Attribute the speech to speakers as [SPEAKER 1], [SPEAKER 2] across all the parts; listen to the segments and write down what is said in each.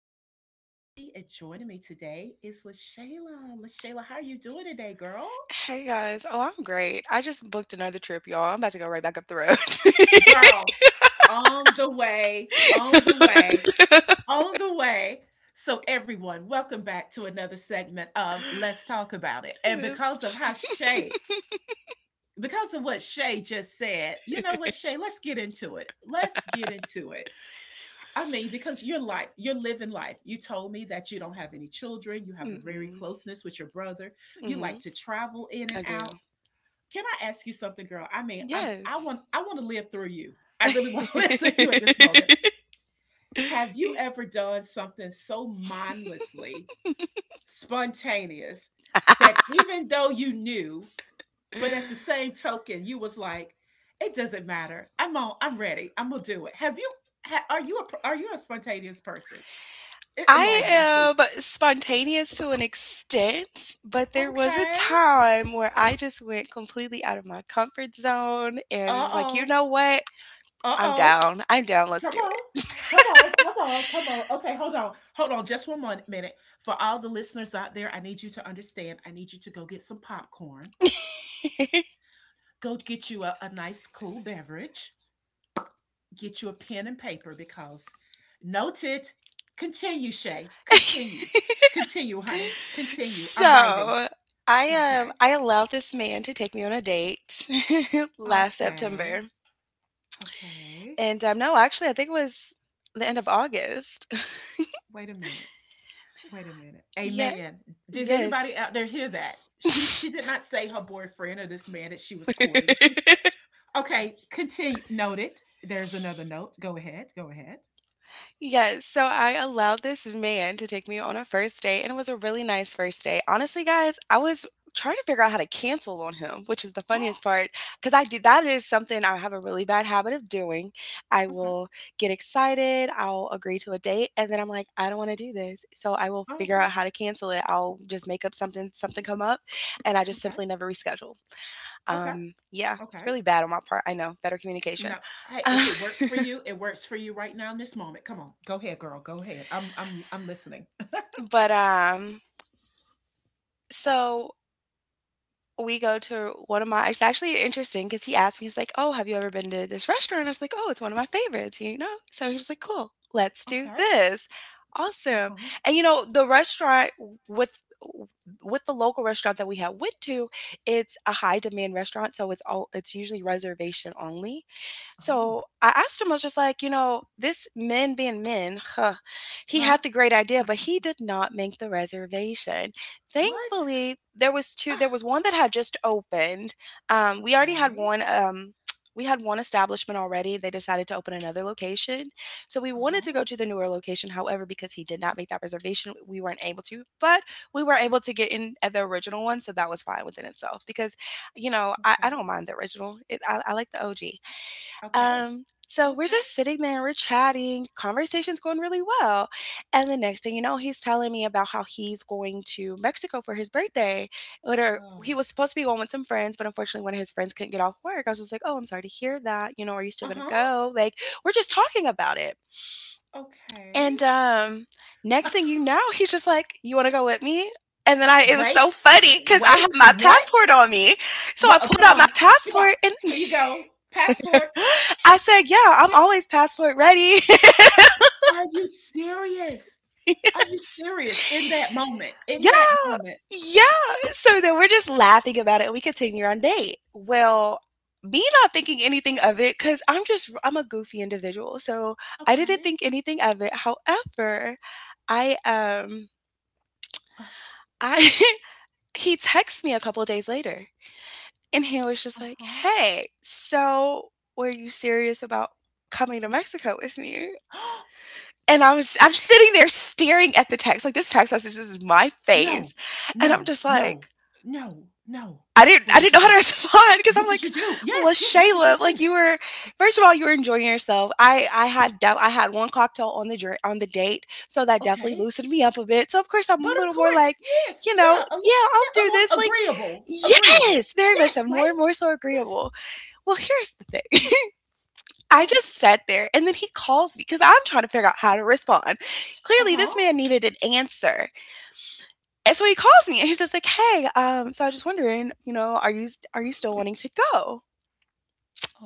[SPEAKER 1] am your host, Tracy, and joining me today is LaShayla. LaShayla, how are you doing today, girl?
[SPEAKER 2] Hey guys. Oh, I'm great. I just booked another trip, y'all. I'm about to go right back up the road.
[SPEAKER 1] Girl, on the way, on the way, on the way. So, everyone, welcome back to another segment of Let's Talk About It. And
[SPEAKER 2] It's
[SPEAKER 1] because of how Shay, because of what Shay just said, you know what, Shay, let's get into it. Let's get into it. I mean, because your life, you're living life. You told me that you don't have any children. You have a very
[SPEAKER 2] Mm-mm.
[SPEAKER 1] closeness with your brother. You
[SPEAKER 2] Mm-hmm.
[SPEAKER 1] like to travel in and
[SPEAKER 2] I do.
[SPEAKER 1] out. Can I ask you something, girl? I mean, I'm I
[SPEAKER 2] Yes.
[SPEAKER 1] want I want to live through you. I really want to live through you at this moment. Have you ever done something so mindlessly, spontaneous, that even though you knew, but at the same token, you was like, it doesn't matter. I'm on. I'm ready. I'm gonna do it. Have you? Ha, are you a? Are you a spontaneous person? It
[SPEAKER 2] I
[SPEAKER 1] Enlighten me,
[SPEAKER 2] am
[SPEAKER 1] please.
[SPEAKER 2] spontaneous to an extent, but there was a
[SPEAKER 1] Okay.
[SPEAKER 2] time where I just went completely out of my comfort zone and
[SPEAKER 1] Uh
[SPEAKER 2] it's like, you
[SPEAKER 1] oh.
[SPEAKER 2] know what?
[SPEAKER 1] Uh oh.
[SPEAKER 2] I'm down. Let's
[SPEAKER 1] Come
[SPEAKER 2] do
[SPEAKER 1] on. Come on. Come on. Come on. Okay, hold on. Hold on just one minute. For all the listeners out there, I need you to understand. I need you to go get some popcorn,
[SPEAKER 2] it.
[SPEAKER 1] go get you a nice, cool beverage, get you a pen and paper because note it. Continue, Shay. Continue. Continue, honey. Continue. I'm writing.
[SPEAKER 2] So, I um
[SPEAKER 1] Okay.
[SPEAKER 2] I allowed this man to take me on a date last
[SPEAKER 1] Okay.
[SPEAKER 2] September.
[SPEAKER 1] Okay.
[SPEAKER 2] And no, actually I think it was the end of August.
[SPEAKER 1] Wait a minute. Wait a minute.
[SPEAKER 2] Yeah,
[SPEAKER 1] Amen. Does anybody
[SPEAKER 2] yes.
[SPEAKER 1] out there hear that? She did not say her boyfriend or this man that she was courting. She said, okay, continue. Noted. There's another note. Go ahead. Go ahead.
[SPEAKER 2] Yes, so I allowed this man to take me on a first date, and it was a really nice first date. Honestly, guys, I was trying to figure out how to cancel on him, which is the funniest part because I do that is something I have a really bad habit of doing. I
[SPEAKER 1] Okay.
[SPEAKER 2] will get excited, I'll agree to a date, and then I'm like, I don't want to do this. So I will
[SPEAKER 1] Oh,
[SPEAKER 2] figure
[SPEAKER 1] okay.
[SPEAKER 2] out how to cancel it. I'll just make up something come up, and I just
[SPEAKER 1] Okay.
[SPEAKER 2] simply never reschedule.
[SPEAKER 1] Okay.
[SPEAKER 2] Yeah, it's
[SPEAKER 1] Okay.
[SPEAKER 2] really bad on my part. I know, better
[SPEAKER 1] No.
[SPEAKER 2] communication.
[SPEAKER 1] Hey,
[SPEAKER 2] Um,
[SPEAKER 1] if it works for you, it works for you right now in this moment. Come on. Go ahead, girl. Go ahead. I'm listening.
[SPEAKER 2] but so we go to one of my it's actually interesting because he asked me, he's like, oh, have you ever been to this restaurant? I was like, oh, it's one of my favorites, you know? So he was like, cool,
[SPEAKER 1] Okay,
[SPEAKER 2] let's do
[SPEAKER 1] okay.
[SPEAKER 2] this. Awesome.
[SPEAKER 1] Uh-huh.
[SPEAKER 2] And you know, the restaurant w- with the local restaurant that we had went to, it's a high demand restaurant, so it's usually reservation only.
[SPEAKER 1] Oh.
[SPEAKER 2] So I asked him, I was just like, you know, this men being men, huh, he
[SPEAKER 1] Huh?
[SPEAKER 2] had the great idea, but he did not make the reservation.
[SPEAKER 1] What?
[SPEAKER 2] Thankfully, there was two.
[SPEAKER 1] Ah,
[SPEAKER 2] there was one that had just opened. We already had
[SPEAKER 1] okay.
[SPEAKER 2] one. We had one establishment already. They decided to open another location. So we wanted to
[SPEAKER 1] Uh-huh.
[SPEAKER 2] go to the newer location. However, because he did not make that reservation, we weren't able to, but we were able to get in at the original one. So that was fine within itself because, you know, I don't
[SPEAKER 1] Okay.
[SPEAKER 2] mind the original. I like the OG.
[SPEAKER 1] Okay.
[SPEAKER 2] So we're
[SPEAKER 1] Okay.
[SPEAKER 2] just sitting there, we're chatting, conversation's going really well. And the next thing you know, he's telling me about how he's going to Mexico for his birthday. Or he
[SPEAKER 1] Oh.
[SPEAKER 2] was supposed to be going with some friends, but unfortunately one of his friends couldn't get off work. I was just like, oh, I'm sorry to hear that. You know, are you still gonna
[SPEAKER 1] Uh-huh.
[SPEAKER 2] go? Like, we're just talking about it.
[SPEAKER 1] Okay.
[SPEAKER 2] And next thing you know, he's just like, you wanna go with me? And then I it was so
[SPEAKER 1] Wait.
[SPEAKER 2] funny because I
[SPEAKER 1] Wait.
[SPEAKER 2] had my
[SPEAKER 1] What?
[SPEAKER 2] passport on me. So I
[SPEAKER 1] What? Oh,
[SPEAKER 2] pulled
[SPEAKER 1] come
[SPEAKER 2] out my
[SPEAKER 1] on. Come on.
[SPEAKER 2] passport and
[SPEAKER 1] Here you go. Passport.
[SPEAKER 2] I said, yeah, I'm always passport ready.
[SPEAKER 1] Are you serious? Are you
[SPEAKER 2] Yes.
[SPEAKER 1] serious in that moment? In
[SPEAKER 2] Yeah.
[SPEAKER 1] that moment.
[SPEAKER 2] Yeah. So then we're just laughing about it and we continue our date. Well, me not thinking anything of it because I'm a goofy individual. So I didn't
[SPEAKER 1] Okay.
[SPEAKER 2] think anything of it. However, I, um,
[SPEAKER 1] Uh,
[SPEAKER 2] I, he texts me a couple of days later and he was just like,
[SPEAKER 1] huh.
[SPEAKER 2] hey, so were you serious about coming to Mexico with me? And I'm sitting there staring at the text, like, this text message this is my
[SPEAKER 1] No.
[SPEAKER 2] face, and I'm
[SPEAKER 1] No.
[SPEAKER 2] just
[SPEAKER 1] No.
[SPEAKER 2] like
[SPEAKER 1] No. No. What
[SPEAKER 2] I
[SPEAKER 1] did
[SPEAKER 2] didn't
[SPEAKER 1] you
[SPEAKER 2] know how to
[SPEAKER 1] do?
[SPEAKER 2] respond because 'cause I'm
[SPEAKER 1] What did
[SPEAKER 2] like,
[SPEAKER 1] you do? Yes. Yes. What did you
[SPEAKER 2] "LaShayla, like,
[SPEAKER 1] do?
[SPEAKER 2] you were first of all, you were enjoying yourself." I had 1 cocktail on the dri on the date, so that definitely
[SPEAKER 1] Okay.
[SPEAKER 2] loosened me up a bit, so of course, I'm
[SPEAKER 1] But
[SPEAKER 2] a little
[SPEAKER 1] of
[SPEAKER 2] more like,
[SPEAKER 1] course. Yes.
[SPEAKER 2] you know,
[SPEAKER 1] Yeah. A,
[SPEAKER 2] "Yeah,
[SPEAKER 1] lo-
[SPEAKER 2] I'll
[SPEAKER 1] yeah. A,
[SPEAKER 2] do this,"
[SPEAKER 1] lo-
[SPEAKER 2] like
[SPEAKER 1] agreeable. Agreeable.
[SPEAKER 2] yes! Very much
[SPEAKER 1] Yes.
[SPEAKER 2] so, more
[SPEAKER 1] Right?
[SPEAKER 2] and more so
[SPEAKER 1] Yes.
[SPEAKER 2] agreeable. Well, here's the thing. I
[SPEAKER 1] Oh,
[SPEAKER 2] just sat there and then he calls me because I'm trying to figure out how to respond. Clearly, this
[SPEAKER 1] uh-huh.
[SPEAKER 2] man needed an answer. And so he calls me and he's just like, hey, so I was just wondering, you know, are you still wanting to go?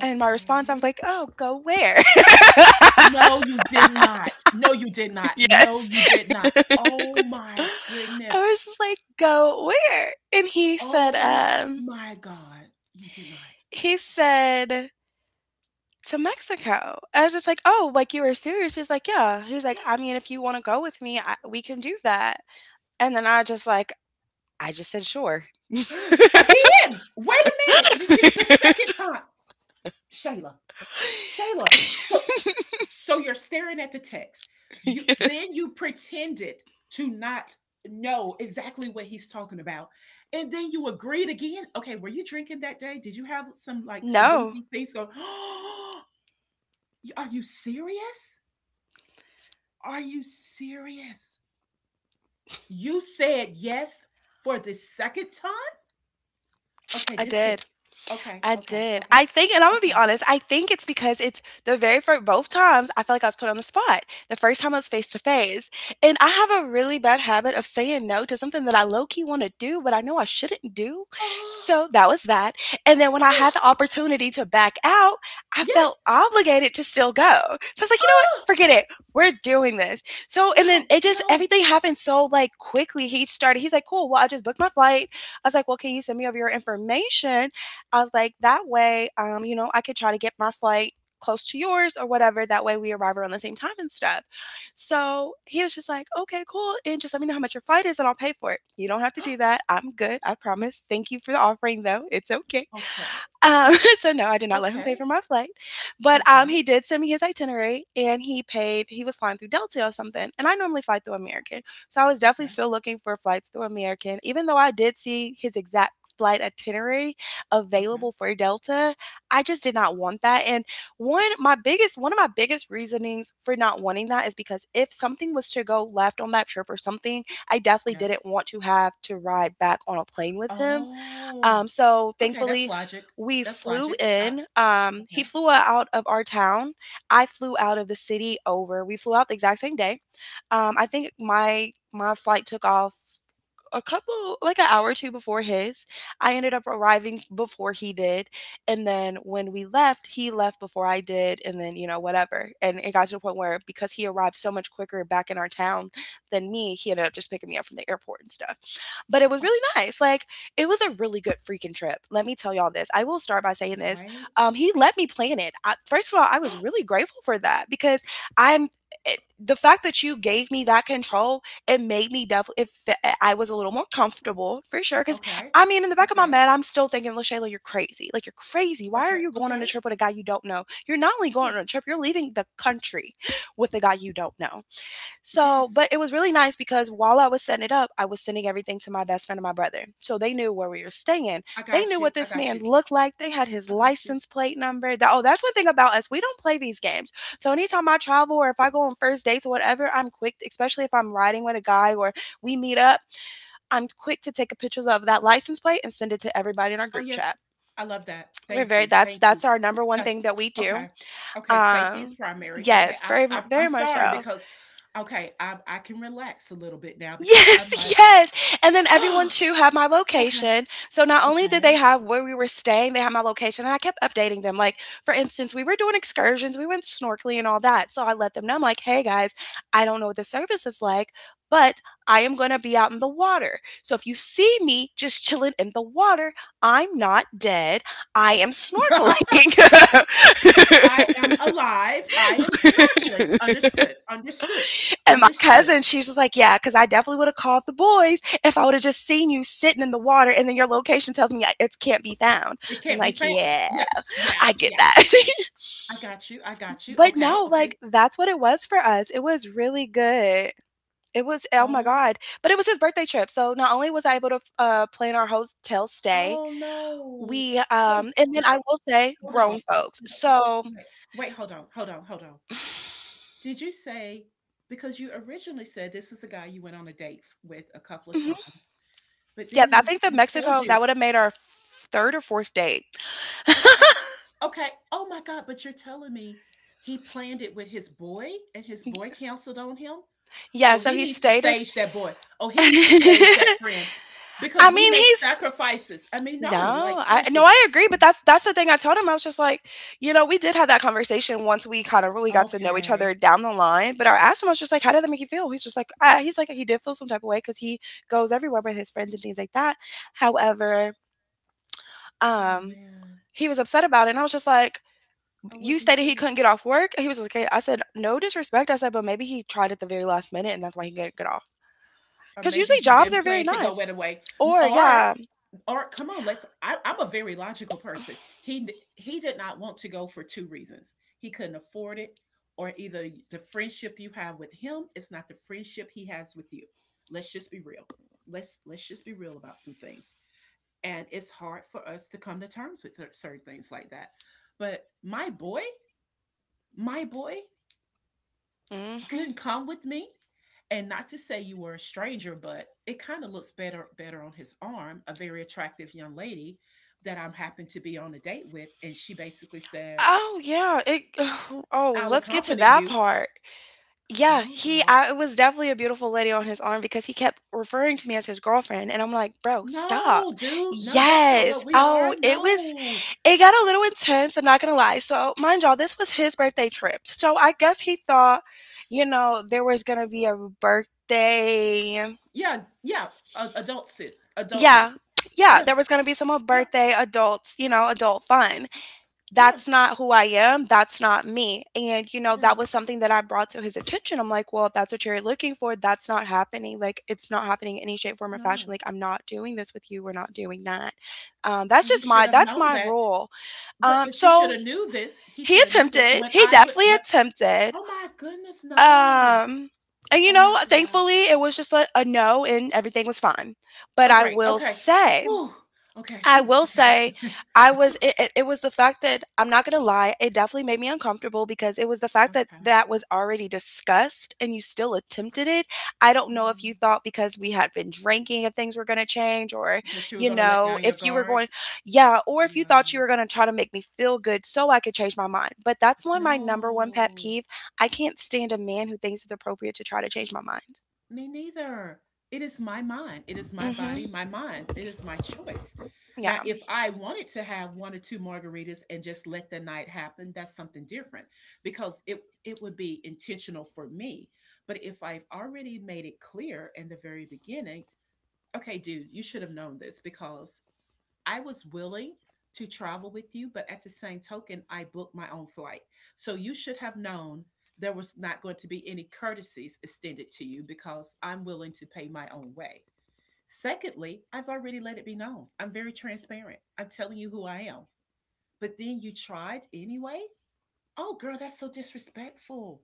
[SPEAKER 2] And my response, I was like, oh, go where?
[SPEAKER 1] No, you did not. No, you did not. No,
[SPEAKER 2] Yes.
[SPEAKER 1] you did not.
[SPEAKER 2] I
[SPEAKER 1] Oh my goodness.
[SPEAKER 2] was just like, go where? And
[SPEAKER 1] Oh my god. You did not.
[SPEAKER 2] he said to Mexico. I was just like, oh, like you were serious. He's like, yeah. He's like, I mean, if you want to go with me, we can do that. And then I just like, I just said sure.
[SPEAKER 1] Again! Wait a minute. You this is the second time. Shayla. Shayla. So so so you're staring at the text. You then you pretended to not know exactly what he's talking about. And then you agreed again. Okay, were you drinking that day? Did you have some like some
[SPEAKER 2] No,
[SPEAKER 1] boozy things go? Are you serious? Are you serious? You said yes for the second time? Okay,
[SPEAKER 2] I
[SPEAKER 1] this could.
[SPEAKER 2] did.
[SPEAKER 1] Okay,
[SPEAKER 2] I
[SPEAKER 1] okay,
[SPEAKER 2] did.
[SPEAKER 1] okay,
[SPEAKER 2] I think, and I'm gonna be
[SPEAKER 1] okay.
[SPEAKER 2] honest, I think it's because it's the very first, both times I felt like I was put on the spot. The first time I was face to face. And I have a really bad habit of saying no to something that I low key want to do, but I know I shouldn't do.
[SPEAKER 1] Oh,
[SPEAKER 2] So that was that. And then when I had
[SPEAKER 1] oh,
[SPEAKER 2] the opportunity to back out, I felt
[SPEAKER 1] yes.
[SPEAKER 2] obligated to still go. So I was like, you know what?
[SPEAKER 1] Oh,
[SPEAKER 2] Forget it. We're doing this. And then
[SPEAKER 1] no, no.
[SPEAKER 2] everything happened so like quickly. He's like, cool. Well, I just booked my flight. I was like, well, can you send me over your information? I was like, that way, you know, I could try to get my flight close to yours or whatever. That way we arrive around the same time and stuff. So he was just like, okay, cool. And just let me know how much your flight is and I'll pay for it. You don't have to do that. I'm good. I promise. Thank you for the offering, though. It's okay.
[SPEAKER 1] Okay,
[SPEAKER 2] Um,
[SPEAKER 1] okay,
[SPEAKER 2] so no, I did not let him pay
[SPEAKER 1] okay,
[SPEAKER 2] for my flight, but he
[SPEAKER 1] okay,
[SPEAKER 2] did send me his itinerary, and he paid. He was flying through Delta or something, and I normally fly through American, so I was definitely
[SPEAKER 1] okay,
[SPEAKER 2] still looking for flights through American. Even though I did see his exact flight itinerary
[SPEAKER 1] okay.
[SPEAKER 2] available for Delta, I just did not want that. And one of my biggest reasonings for not wanting that is because if something was to go left on that trip or something, I definitely didn't
[SPEAKER 1] Yes.
[SPEAKER 2] want to have to ride back on a plane with him,
[SPEAKER 1] Oh,
[SPEAKER 2] so
[SPEAKER 1] okay. That's
[SPEAKER 2] thankfully,
[SPEAKER 1] logic.
[SPEAKER 2] we
[SPEAKER 1] That's
[SPEAKER 2] flew
[SPEAKER 1] logic. I,
[SPEAKER 2] in. He
[SPEAKER 1] okay.
[SPEAKER 2] flew out of our town. I flew out of the city over. We flew out the exact same day. I think my flight took off a couple like an hour or two before his. I ended up arriving before he did, and then when we left, he left before I did, and then you know whatever. And it got to the point where because he arrived so much quicker back in our town than me, he ended up just picking me up from the airport and stuff. But it was
[SPEAKER 1] Oh,
[SPEAKER 2] really nice. Like it was a really good freaking trip. Let me tell y'all this. I will start by saying this.
[SPEAKER 1] wait.
[SPEAKER 2] He let me plan it. First of all, I was really grateful for that because I'm the fact that you gave me that control it made me definitely if I was a little more comfortable for sure. Cause
[SPEAKER 1] Okay.
[SPEAKER 2] I mean, in the back of my
[SPEAKER 1] Okay.
[SPEAKER 2] mind, I'm still thinking, LaShayla, you're crazy. Like you're crazy. Why are
[SPEAKER 1] Okay.
[SPEAKER 2] you going on a
[SPEAKER 1] Okay.
[SPEAKER 2] trip with a guy you don't know? You're not only going on a
[SPEAKER 1] Yes.
[SPEAKER 2] trip, you're leaving the country with a guy you don't know. So,
[SPEAKER 1] Yes.
[SPEAKER 2] but it was really nice because while I was setting it up, I was sending everything to my best friend and my brother. So they knew where we were staying.
[SPEAKER 1] I
[SPEAKER 2] They
[SPEAKER 1] got
[SPEAKER 2] knew
[SPEAKER 1] you,
[SPEAKER 2] what
[SPEAKER 1] I
[SPEAKER 2] this
[SPEAKER 1] got
[SPEAKER 2] man
[SPEAKER 1] you,
[SPEAKER 2] looked like. They had his
[SPEAKER 1] I got you.
[SPEAKER 2] license plate number. That Oh, that's one thing about us. We don't play these games. So anytime I travel or if I go on first dates or whatever, I'm quick, especially if I'm riding with a guy or we meet up, I'm quick to take a picture of that license plate and send it to everybody in our
[SPEAKER 1] Oh,
[SPEAKER 2] group
[SPEAKER 1] yes,
[SPEAKER 2] chat.
[SPEAKER 1] I love that.
[SPEAKER 2] We're
[SPEAKER 1] Thank
[SPEAKER 2] very
[SPEAKER 1] you,
[SPEAKER 2] that's
[SPEAKER 1] thank you.
[SPEAKER 2] that's our number one
[SPEAKER 1] That's
[SPEAKER 2] thing that we do.
[SPEAKER 1] okay. Okay, safety is
[SPEAKER 2] Um
[SPEAKER 1] primary. Okay,
[SPEAKER 2] Yes,
[SPEAKER 1] I, I
[SPEAKER 2] very
[SPEAKER 1] I'm
[SPEAKER 2] much
[SPEAKER 1] sorry
[SPEAKER 2] so.
[SPEAKER 1] because okay, I can relax a little bit now because I'm
[SPEAKER 2] Yes,
[SPEAKER 1] like,
[SPEAKER 2] yes, and then everyone
[SPEAKER 1] oh,
[SPEAKER 2] too had my
[SPEAKER 1] okay,
[SPEAKER 2] location. So not only did they
[SPEAKER 1] okay.
[SPEAKER 2] have where we were staying, they had my location, and I kept updating them. Like, for instance, we were doing excursions, we went snorkeling and all that. So I let them know, I'm like, hey guys, I don't know what the service is like, but I am going to be out in the water. So if you see me just chilling in the water, I'm not dead. I am snorkeling.
[SPEAKER 1] I am alive. I am snorkeling. Understood, understood,
[SPEAKER 2] And my
[SPEAKER 1] understood.
[SPEAKER 2] cousin, she's just like, yeah, because I definitely would've called the boys if I would've just seen you sitting in the water, and then your location tells me it can't be found."
[SPEAKER 1] It
[SPEAKER 2] I'm
[SPEAKER 1] can't be
[SPEAKER 2] like,
[SPEAKER 1] found.
[SPEAKER 2] "Yeah,
[SPEAKER 1] Yes, yeah,
[SPEAKER 2] I get
[SPEAKER 1] yeah,
[SPEAKER 2] that."
[SPEAKER 1] I got you. I got you. I got you.
[SPEAKER 2] But
[SPEAKER 1] Okay,
[SPEAKER 2] no,
[SPEAKER 1] okay.
[SPEAKER 2] like, that's what it was for us. It was really good. It was Oh my
[SPEAKER 1] Oh,
[SPEAKER 2] god. But it was his birthday trip, so not only was I able to plan our hotel stay,
[SPEAKER 1] oh no. Hold
[SPEAKER 2] and then I
[SPEAKER 1] on,
[SPEAKER 2] will say
[SPEAKER 1] hold on.
[SPEAKER 2] grown folks.
[SPEAKER 1] Hold on.
[SPEAKER 2] So.
[SPEAKER 1] Wait, wait, hold on. Did you say because you originally said this was a guy you went on a date with a couple of
[SPEAKER 2] Mhm.
[SPEAKER 1] times, but
[SPEAKER 2] Yeah,
[SPEAKER 1] then
[SPEAKER 2] I
[SPEAKER 1] he
[SPEAKER 2] think that
[SPEAKER 1] he tells
[SPEAKER 2] Mexico, that
[SPEAKER 1] you,
[SPEAKER 2] would've made our 3rd or 4th date.
[SPEAKER 1] okay, okay, oh my God, but you're telling me he planned it with his boy and his boy counseled on him?
[SPEAKER 2] Yeah,
[SPEAKER 1] Oh,
[SPEAKER 2] so
[SPEAKER 1] he
[SPEAKER 2] he
[SPEAKER 1] needs to
[SPEAKER 2] stated.
[SPEAKER 1] sage that boy. Oh, he needs to sage that friend
[SPEAKER 2] I
[SPEAKER 1] because we
[SPEAKER 2] mean,
[SPEAKER 1] make
[SPEAKER 2] he's
[SPEAKER 1] sacrifices. I mean, no,
[SPEAKER 2] no,
[SPEAKER 1] like
[SPEAKER 2] I no,
[SPEAKER 1] seriously.
[SPEAKER 2] I agree, but that's the thing I told him. I was just like, we did have that conversation once we kind of really got to know each other
[SPEAKER 1] Okay.
[SPEAKER 2] down the line. But I asked him, I was just like, how did that make you feel? He's just like, he's like, he did feel some type of way because he goes everywhere with his friends and things like that. However,
[SPEAKER 1] Oh
[SPEAKER 2] um,
[SPEAKER 1] man,
[SPEAKER 2] he was upset about it, and I was just like,
[SPEAKER 1] I
[SPEAKER 2] you
[SPEAKER 1] would be
[SPEAKER 2] stated he
[SPEAKER 1] too.
[SPEAKER 2] couldn't get off work. He was like, okay. I said, no disrespect. I said, but maybe he tried at the very last minute, and that's why he couldn't get off.
[SPEAKER 1] Or
[SPEAKER 2] Because
[SPEAKER 1] maybe
[SPEAKER 2] usually
[SPEAKER 1] he
[SPEAKER 2] jobs
[SPEAKER 1] didn't
[SPEAKER 2] are very
[SPEAKER 1] plan to go
[SPEAKER 2] nice.
[SPEAKER 1] right away.
[SPEAKER 2] Or yeah.
[SPEAKER 1] Or come on, let's. I'm a very logical person. He he did not want to go for two reasons. He couldn't afford it, or either the friendship you have with him is not the friendship he has with you. Let's just be real. Let's just be real about some things. And it's hard for us to come to terms with certain things like that. But my boy
[SPEAKER 2] Hmm.
[SPEAKER 1] couldn't come with me, and not to say you were a stranger, but it kind of looks better on his arm, a very attractive young lady that I'm happened to be on a date with, and she basically said
[SPEAKER 2] Oh, yeah, it oh,
[SPEAKER 1] I'll
[SPEAKER 2] let's get to
[SPEAKER 1] accompany
[SPEAKER 2] that
[SPEAKER 1] you.
[SPEAKER 2] part.
[SPEAKER 1] Come
[SPEAKER 2] Yeah,
[SPEAKER 1] on,
[SPEAKER 2] he
[SPEAKER 1] girl.
[SPEAKER 2] I it was definitely a beautiful lady on his arm because he kept referring to me as his girlfriend, and I'm like, "Bro, stop."
[SPEAKER 1] No, dude, no, that's not
[SPEAKER 2] Yes.
[SPEAKER 1] what we
[SPEAKER 2] Oh,
[SPEAKER 1] are. No.
[SPEAKER 2] it got a little intense, I'm not gonna lie. So, mind y'all, this was his birthday trip, so I guess he thought, there was gonna be a birthday.
[SPEAKER 1] Yeah, yeah, a- adult sis, adultness.
[SPEAKER 2] Yeah, yeah,
[SPEAKER 1] Yeah,
[SPEAKER 2] there was gonna be some,
[SPEAKER 1] yeah,
[SPEAKER 2] birthday adult fun.
[SPEAKER 1] yeah,
[SPEAKER 2] That's not who I am. That's not me. And, you know,
[SPEAKER 1] yeah.
[SPEAKER 2] that was something that I brought to his attention. I'm like, well, if that's what you're looking for, that's not happening. Like, it's not happening in any shape, form, or fashion.
[SPEAKER 1] No.
[SPEAKER 2] Like, I'm not doing this with you. We're not doing that. Um, that's
[SPEAKER 1] And you
[SPEAKER 2] just
[SPEAKER 1] should
[SPEAKER 2] my,
[SPEAKER 1] have
[SPEAKER 2] that's
[SPEAKER 1] known
[SPEAKER 2] my
[SPEAKER 1] that.
[SPEAKER 2] rule.
[SPEAKER 1] but
[SPEAKER 2] Um,
[SPEAKER 1] but you should
[SPEAKER 2] so
[SPEAKER 1] have knew this, he
[SPEAKER 2] he
[SPEAKER 1] should have knew this
[SPEAKER 2] attempted,
[SPEAKER 1] when
[SPEAKER 2] he
[SPEAKER 1] i would
[SPEAKER 2] definitely
[SPEAKER 1] when
[SPEAKER 2] attempted.
[SPEAKER 1] oh my goodness, no.
[SPEAKER 2] Um, and, you
[SPEAKER 1] Oh
[SPEAKER 2] know,
[SPEAKER 1] my god.
[SPEAKER 2] thankfully it was just like a no and everything was fine. But
[SPEAKER 1] Oh,
[SPEAKER 2] I
[SPEAKER 1] great.
[SPEAKER 2] will
[SPEAKER 1] Okay.
[SPEAKER 2] say,
[SPEAKER 1] Woo. Okay.
[SPEAKER 2] I
[SPEAKER 1] Whoo.
[SPEAKER 2] will
[SPEAKER 1] Okay.
[SPEAKER 2] say I was it it it was the fact that I'm not gonna lie, it definitely made me uncomfortable because it was the fact that
[SPEAKER 1] Okay.
[SPEAKER 2] that was already discussed and you still attempted it. I don't know if you
[SPEAKER 1] Mm.
[SPEAKER 2] thought because we had been drinking if things were gonna change or,
[SPEAKER 1] But you were gonna let down your
[SPEAKER 2] if you were
[SPEAKER 1] guard?
[SPEAKER 2] going. Yeah, or if you
[SPEAKER 1] Yeah.
[SPEAKER 2] thought you were gonna try to make me feel good so I could change my mind. But that's one my number one pet
[SPEAKER 1] No.
[SPEAKER 2] peeve. I can't stand a man who thinks it's appropriate to try to change my mind.
[SPEAKER 1] Me neither. It is my mind. It is my
[SPEAKER 2] Mhm.
[SPEAKER 1] body, my mind. It is my choice.
[SPEAKER 2] Yeah.
[SPEAKER 1] Now, if I wanted to have one or two margaritas and just let the night happen, that's something different because it would be intentional for me. But if I've already made it clear in the very beginning, okay, dude, you should have known this because I was willing to travel with you, but at the same token, I booked my own flight. So you should have known there was not going to be any courtesies extended to you because I'm willing to pay my own way. Secondly, I've already let it be known. I'm very transparent. I'm telling you who I am. But then you tried anyway? Oh, girl, that's so disrespectful.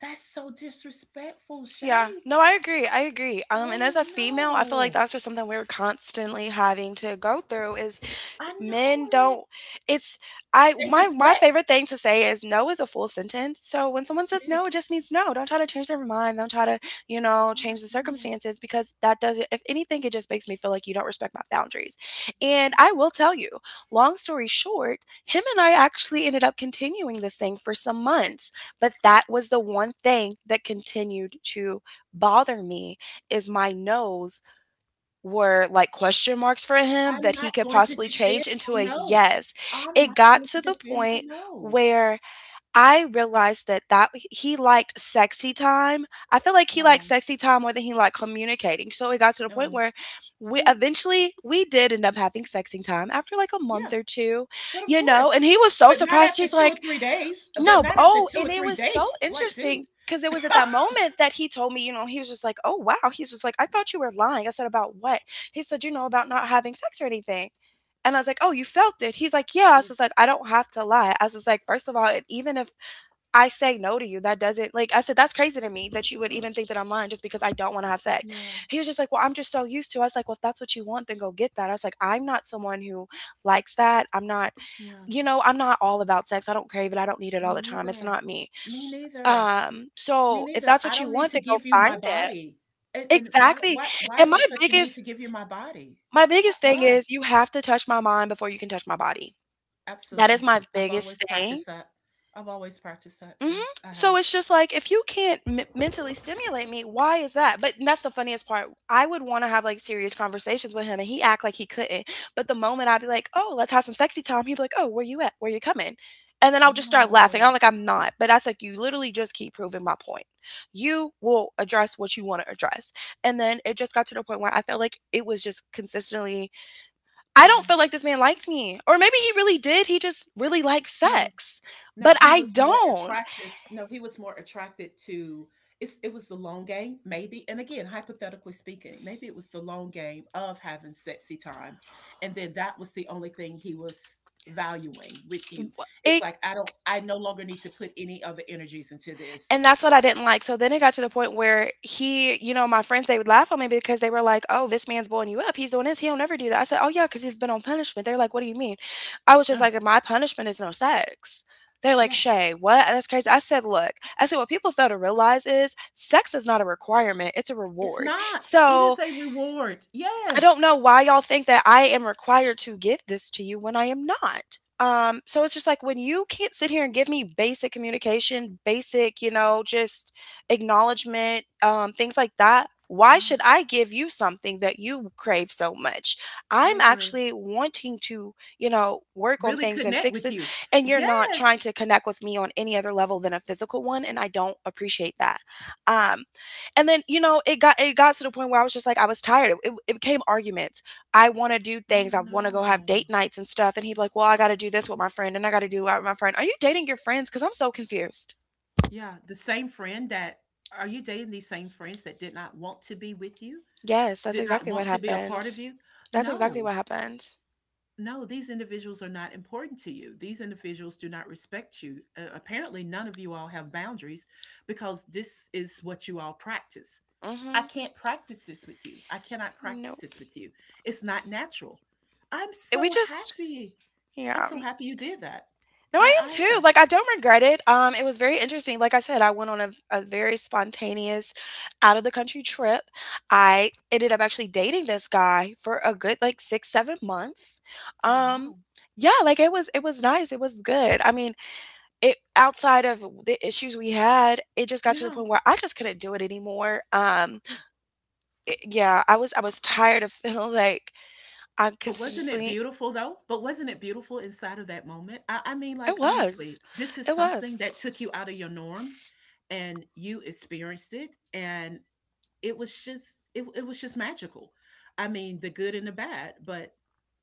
[SPEAKER 1] That's so disrespectful,
[SPEAKER 2] Yeah,
[SPEAKER 1] Shay.
[SPEAKER 2] no, I agree. I agree. And
[SPEAKER 1] Oh,
[SPEAKER 2] as a female, I feel like
[SPEAKER 1] no.
[SPEAKER 2] that's just something we're constantly having to go through is
[SPEAKER 1] I know
[SPEAKER 2] men
[SPEAKER 1] it.
[SPEAKER 2] don't it's I
[SPEAKER 1] They
[SPEAKER 2] my my
[SPEAKER 1] deflect.
[SPEAKER 2] favorite thing to say is no is a full sentence. So when someone
[SPEAKER 1] It
[SPEAKER 2] says no,
[SPEAKER 1] is.
[SPEAKER 2] it just means no. Don't try to change their mind. Don't try to,
[SPEAKER 1] Oh, my
[SPEAKER 2] change the
[SPEAKER 1] goodness.
[SPEAKER 2] circumstances because that doesn't if anything it just makes me feel like you don't respect my boundaries. And I will tell you, long story short, him and I actually ended up continuing this thing for some months, but that was the one thing that continued to bother me is my nose were like question marks for him
[SPEAKER 1] I'm
[SPEAKER 2] that he
[SPEAKER 1] not
[SPEAKER 2] could
[SPEAKER 1] going to
[SPEAKER 2] possibly
[SPEAKER 1] defend
[SPEAKER 2] change into
[SPEAKER 1] my
[SPEAKER 2] a
[SPEAKER 1] no.
[SPEAKER 2] yes.
[SPEAKER 1] I'm
[SPEAKER 2] It
[SPEAKER 1] not
[SPEAKER 2] got
[SPEAKER 1] going to
[SPEAKER 2] to the
[SPEAKER 1] defend my
[SPEAKER 2] point
[SPEAKER 1] no.
[SPEAKER 2] where I realized that he liked sexy time. I feel like he liked
[SPEAKER 1] No.
[SPEAKER 2] sexy time more than he liked communicating. So it got to the point
[SPEAKER 1] Um,
[SPEAKER 2] where
[SPEAKER 1] mm,
[SPEAKER 2] we did end up having sexy time after like a month
[SPEAKER 1] yeah,
[SPEAKER 2] or two,
[SPEAKER 1] but of course.
[SPEAKER 2] and he was so
[SPEAKER 1] But not
[SPEAKER 2] surprised.
[SPEAKER 1] after
[SPEAKER 2] He's
[SPEAKER 1] two or
[SPEAKER 2] like,
[SPEAKER 1] three days. But
[SPEAKER 2] no, but
[SPEAKER 1] not after
[SPEAKER 2] oh,
[SPEAKER 1] two or
[SPEAKER 2] and it
[SPEAKER 1] three
[SPEAKER 2] was so
[SPEAKER 1] dates. Like, dude.
[SPEAKER 2] interesting because it was at that moment that he told me, you know, he was just like, "Oh wow," he's just like, "I thought you were lying." I said, "About what?" He said, "You know, about not having sex or anything." And I was like, "Oh, you felt it." He's like, "Yeah." I was
[SPEAKER 1] Y-
[SPEAKER 2] just like, "I don't have to lie." I was just like, first of all, even if I say no to you, that doesn't like I said, that's crazy to me that you would even think that I'm lying just because I don't want to have sex."
[SPEAKER 1] Yeah,
[SPEAKER 2] He was just like, "Well, I'm just so used to it." I was like, "Well, if that's what you want, then go get that." I was like, "I'm not someone who likes that. I'm not,
[SPEAKER 1] yeah.
[SPEAKER 2] you know, I'm not all about sex. I don't crave it. I don't need it all
[SPEAKER 1] Me
[SPEAKER 2] the time. It's
[SPEAKER 1] neither.
[SPEAKER 2] not me.
[SPEAKER 1] Me neither.
[SPEAKER 2] Um,
[SPEAKER 1] Me
[SPEAKER 2] so if
[SPEAKER 1] neither.
[SPEAKER 2] that's
[SPEAKER 1] I
[SPEAKER 2] what you
[SPEAKER 1] don't need
[SPEAKER 2] want,
[SPEAKER 1] to
[SPEAKER 2] then go
[SPEAKER 1] give you my
[SPEAKER 2] find it."
[SPEAKER 1] body. And why
[SPEAKER 2] Exactly.
[SPEAKER 1] why why
[SPEAKER 2] And
[SPEAKER 1] is it
[SPEAKER 2] my
[SPEAKER 1] such a need to
[SPEAKER 2] biggest
[SPEAKER 1] give you my body?
[SPEAKER 2] my
[SPEAKER 1] Why?
[SPEAKER 2] biggest thing
[SPEAKER 1] why?
[SPEAKER 2] is you have to touch my mind before you can touch my body. That is
[SPEAKER 1] Absolutely.
[SPEAKER 2] my
[SPEAKER 1] I've always
[SPEAKER 2] biggest thing.
[SPEAKER 1] practiced that. I've always practiced that
[SPEAKER 2] Mhm.
[SPEAKER 1] too. I
[SPEAKER 2] So
[SPEAKER 1] have.
[SPEAKER 2] it's just like if you can't mentally stimulate me, why is that? But that's the funniest part. I would want to have like serious conversations with him, and he act like he couldn't. But the moment I'd be like, "Oh, let's have some sexy time," he'd be like, "Oh, where you at? Where you coming?" And then I'll just start laughing.
[SPEAKER 1] No,
[SPEAKER 2] I'm like, "I'm not," but that's like you literally just keep proving my point. You will address what you want to address, and then it just got to the point where I felt like it was just consistently. I
[SPEAKER 1] no,
[SPEAKER 2] don't feel like this man liked me, or maybe he really did. He just really liked
[SPEAKER 1] no,
[SPEAKER 2] sex,
[SPEAKER 1] no.
[SPEAKER 2] but
[SPEAKER 1] He
[SPEAKER 2] I
[SPEAKER 1] was more
[SPEAKER 2] don't
[SPEAKER 1] attractive. No, he was more attracted to it's it was the long game, maybe. And again, hypothetically speaking, maybe it was the long game of having sexy time. And then that was the only thing he was valuing with you. It's
[SPEAKER 2] it
[SPEAKER 1] like I no longer need to put any other energies into this.
[SPEAKER 2] And that's what I didn't like. So then it got to the point where he, you know, my friends, they would laugh at me because they were like, oh, this man's blowing you up. He's doing this. He'll never do that. I said, oh, yeah, because he's been on punishment. They're like, what do you mean? I was just
[SPEAKER 1] Ugh,
[SPEAKER 2] like, my punishment is no sex. They're like,
[SPEAKER 1] yeah.
[SPEAKER 2] Shay, what? That's crazy. I said, look, I said, what people fail to realize is sex is not a requirement, it's a
[SPEAKER 1] It's
[SPEAKER 2] reward.
[SPEAKER 1] not. It is
[SPEAKER 2] So
[SPEAKER 1] a reward.
[SPEAKER 2] I
[SPEAKER 1] Yes.
[SPEAKER 2] don't know why y'all think that I am required to give this to you when I am not. So it's just like when you can't sit here and give me basic communication, basic, you know, just acknowledgement, things like that. Why should
[SPEAKER 1] Yes.
[SPEAKER 2] I give you something that you crave so much?
[SPEAKER 1] I
[SPEAKER 2] I'm
[SPEAKER 1] agree.
[SPEAKER 2] actually wanting to, you know, work on
[SPEAKER 1] Really
[SPEAKER 2] things and
[SPEAKER 1] connect
[SPEAKER 2] fix
[SPEAKER 1] with
[SPEAKER 2] this.
[SPEAKER 1] you.
[SPEAKER 2] And you're not trying
[SPEAKER 1] Yes.
[SPEAKER 2] to connect with me on any other level than a physical one. And I don't appreciate that. Um, and then, it got to the point where I was just like I was tired. It became arguments. I want to do
[SPEAKER 1] Oh
[SPEAKER 2] things. I want to go have
[SPEAKER 1] no.
[SPEAKER 2] date nights and stuff and he'd be like, "Well, I got to do this with my friend and I got to do that with my friend." Are you dating your friends? Cuz I'm so confused.
[SPEAKER 1] Yeah, the same friend that are you dating these same friends that did not want to be with you?
[SPEAKER 2] Yes, that's
[SPEAKER 1] Did not
[SPEAKER 2] exactly what
[SPEAKER 1] want to be a part of
[SPEAKER 2] happened.
[SPEAKER 1] you?
[SPEAKER 2] That's exactly
[SPEAKER 1] No.
[SPEAKER 2] what happened.
[SPEAKER 1] No, these individuals are not important to you. These individuals do not respect you. Apparently, none of you all have boundaries because this is what you all practice. I
[SPEAKER 2] Mhm.
[SPEAKER 1] can't practice this with you. I cannot practice
[SPEAKER 2] Nope.
[SPEAKER 1] this with you. It's not natural. I'm
[SPEAKER 2] We
[SPEAKER 1] so
[SPEAKER 2] just,
[SPEAKER 1] happy. I'm
[SPEAKER 2] yeah.
[SPEAKER 1] so happy you did that.
[SPEAKER 2] No, I am
[SPEAKER 1] I
[SPEAKER 2] too.
[SPEAKER 1] am.
[SPEAKER 2] Like I don't regret it. It was very interesting. Like I said, I went on a very spontaneous out of the country trip. I ended up actually dating this guy for a good like 6, 7 months.
[SPEAKER 1] Oh,
[SPEAKER 2] Um,
[SPEAKER 1] wow.
[SPEAKER 2] yeah, like it was nice. It was good. I mean, it outside of the issues we had, it just got to the
[SPEAKER 1] Yeah.
[SPEAKER 2] point where I just couldn't do it anymore. Yeah, I was tired of feeling like I'm
[SPEAKER 1] But wasn't it
[SPEAKER 2] consistently.
[SPEAKER 1] beautiful though? But wasn't it beautiful inside of that moment? I mean, like
[SPEAKER 2] It was.
[SPEAKER 1] honestly, this is
[SPEAKER 2] It was.
[SPEAKER 1] something that took you out of your norms and you experienced it. And it was just it was just magical. I mean, the good and the bad, but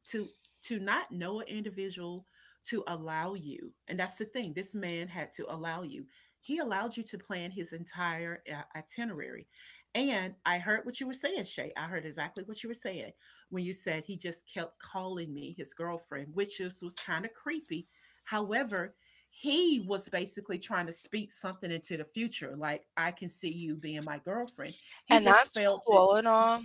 [SPEAKER 1] to to not know an individual, to allow you, and that's the thing, this man had to allow you, he allowed you to plan his entire itinerary. And I heard what you were saying, Shay, I heard exactly what you were saying when you said he just kept calling me his girlfriend, which is, was kind of creepy. However, he was basically trying to speak something into the future like I can see you being my girlfriend. He
[SPEAKER 2] And
[SPEAKER 1] just
[SPEAKER 2] that's
[SPEAKER 1] failed to
[SPEAKER 2] cool and all.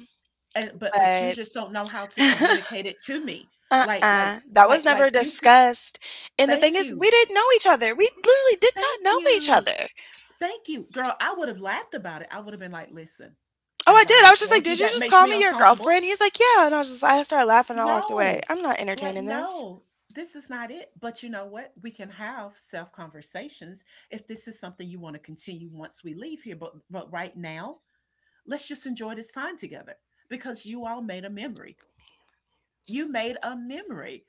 [SPEAKER 1] and but you
[SPEAKER 2] But
[SPEAKER 1] just don't know how to communicate it to me. Like like
[SPEAKER 2] Uh-uh. That was
[SPEAKER 1] like
[SPEAKER 2] never
[SPEAKER 1] like you could
[SPEAKER 2] discussed. And the thing
[SPEAKER 1] thank
[SPEAKER 2] is,
[SPEAKER 1] you.
[SPEAKER 2] we didn't know each other. We literally did not
[SPEAKER 1] Thank
[SPEAKER 2] know each
[SPEAKER 1] you.
[SPEAKER 2] other.
[SPEAKER 1] Thank you. Girl, I would have laughed about it. I would have been like, "Listen,
[SPEAKER 2] Oh, I
[SPEAKER 1] I've
[SPEAKER 2] did. I
[SPEAKER 1] already
[SPEAKER 2] was just like,
[SPEAKER 1] told
[SPEAKER 2] did
[SPEAKER 1] you
[SPEAKER 2] you
[SPEAKER 1] that
[SPEAKER 2] just
[SPEAKER 1] makes
[SPEAKER 2] call
[SPEAKER 1] me
[SPEAKER 2] me your girlfriend?
[SPEAKER 1] uncomfortable."
[SPEAKER 2] He's like, yeah. And I was just, I started laughing. And I walked away.
[SPEAKER 1] No.
[SPEAKER 2] I'm not
[SPEAKER 1] Like
[SPEAKER 2] entertaining this.
[SPEAKER 1] no. This is not it. But you know what? We can have self conversations if this is something you want to continue once we leave here, but right now, let's just enjoy this time together because you all made a memory, you made a memory,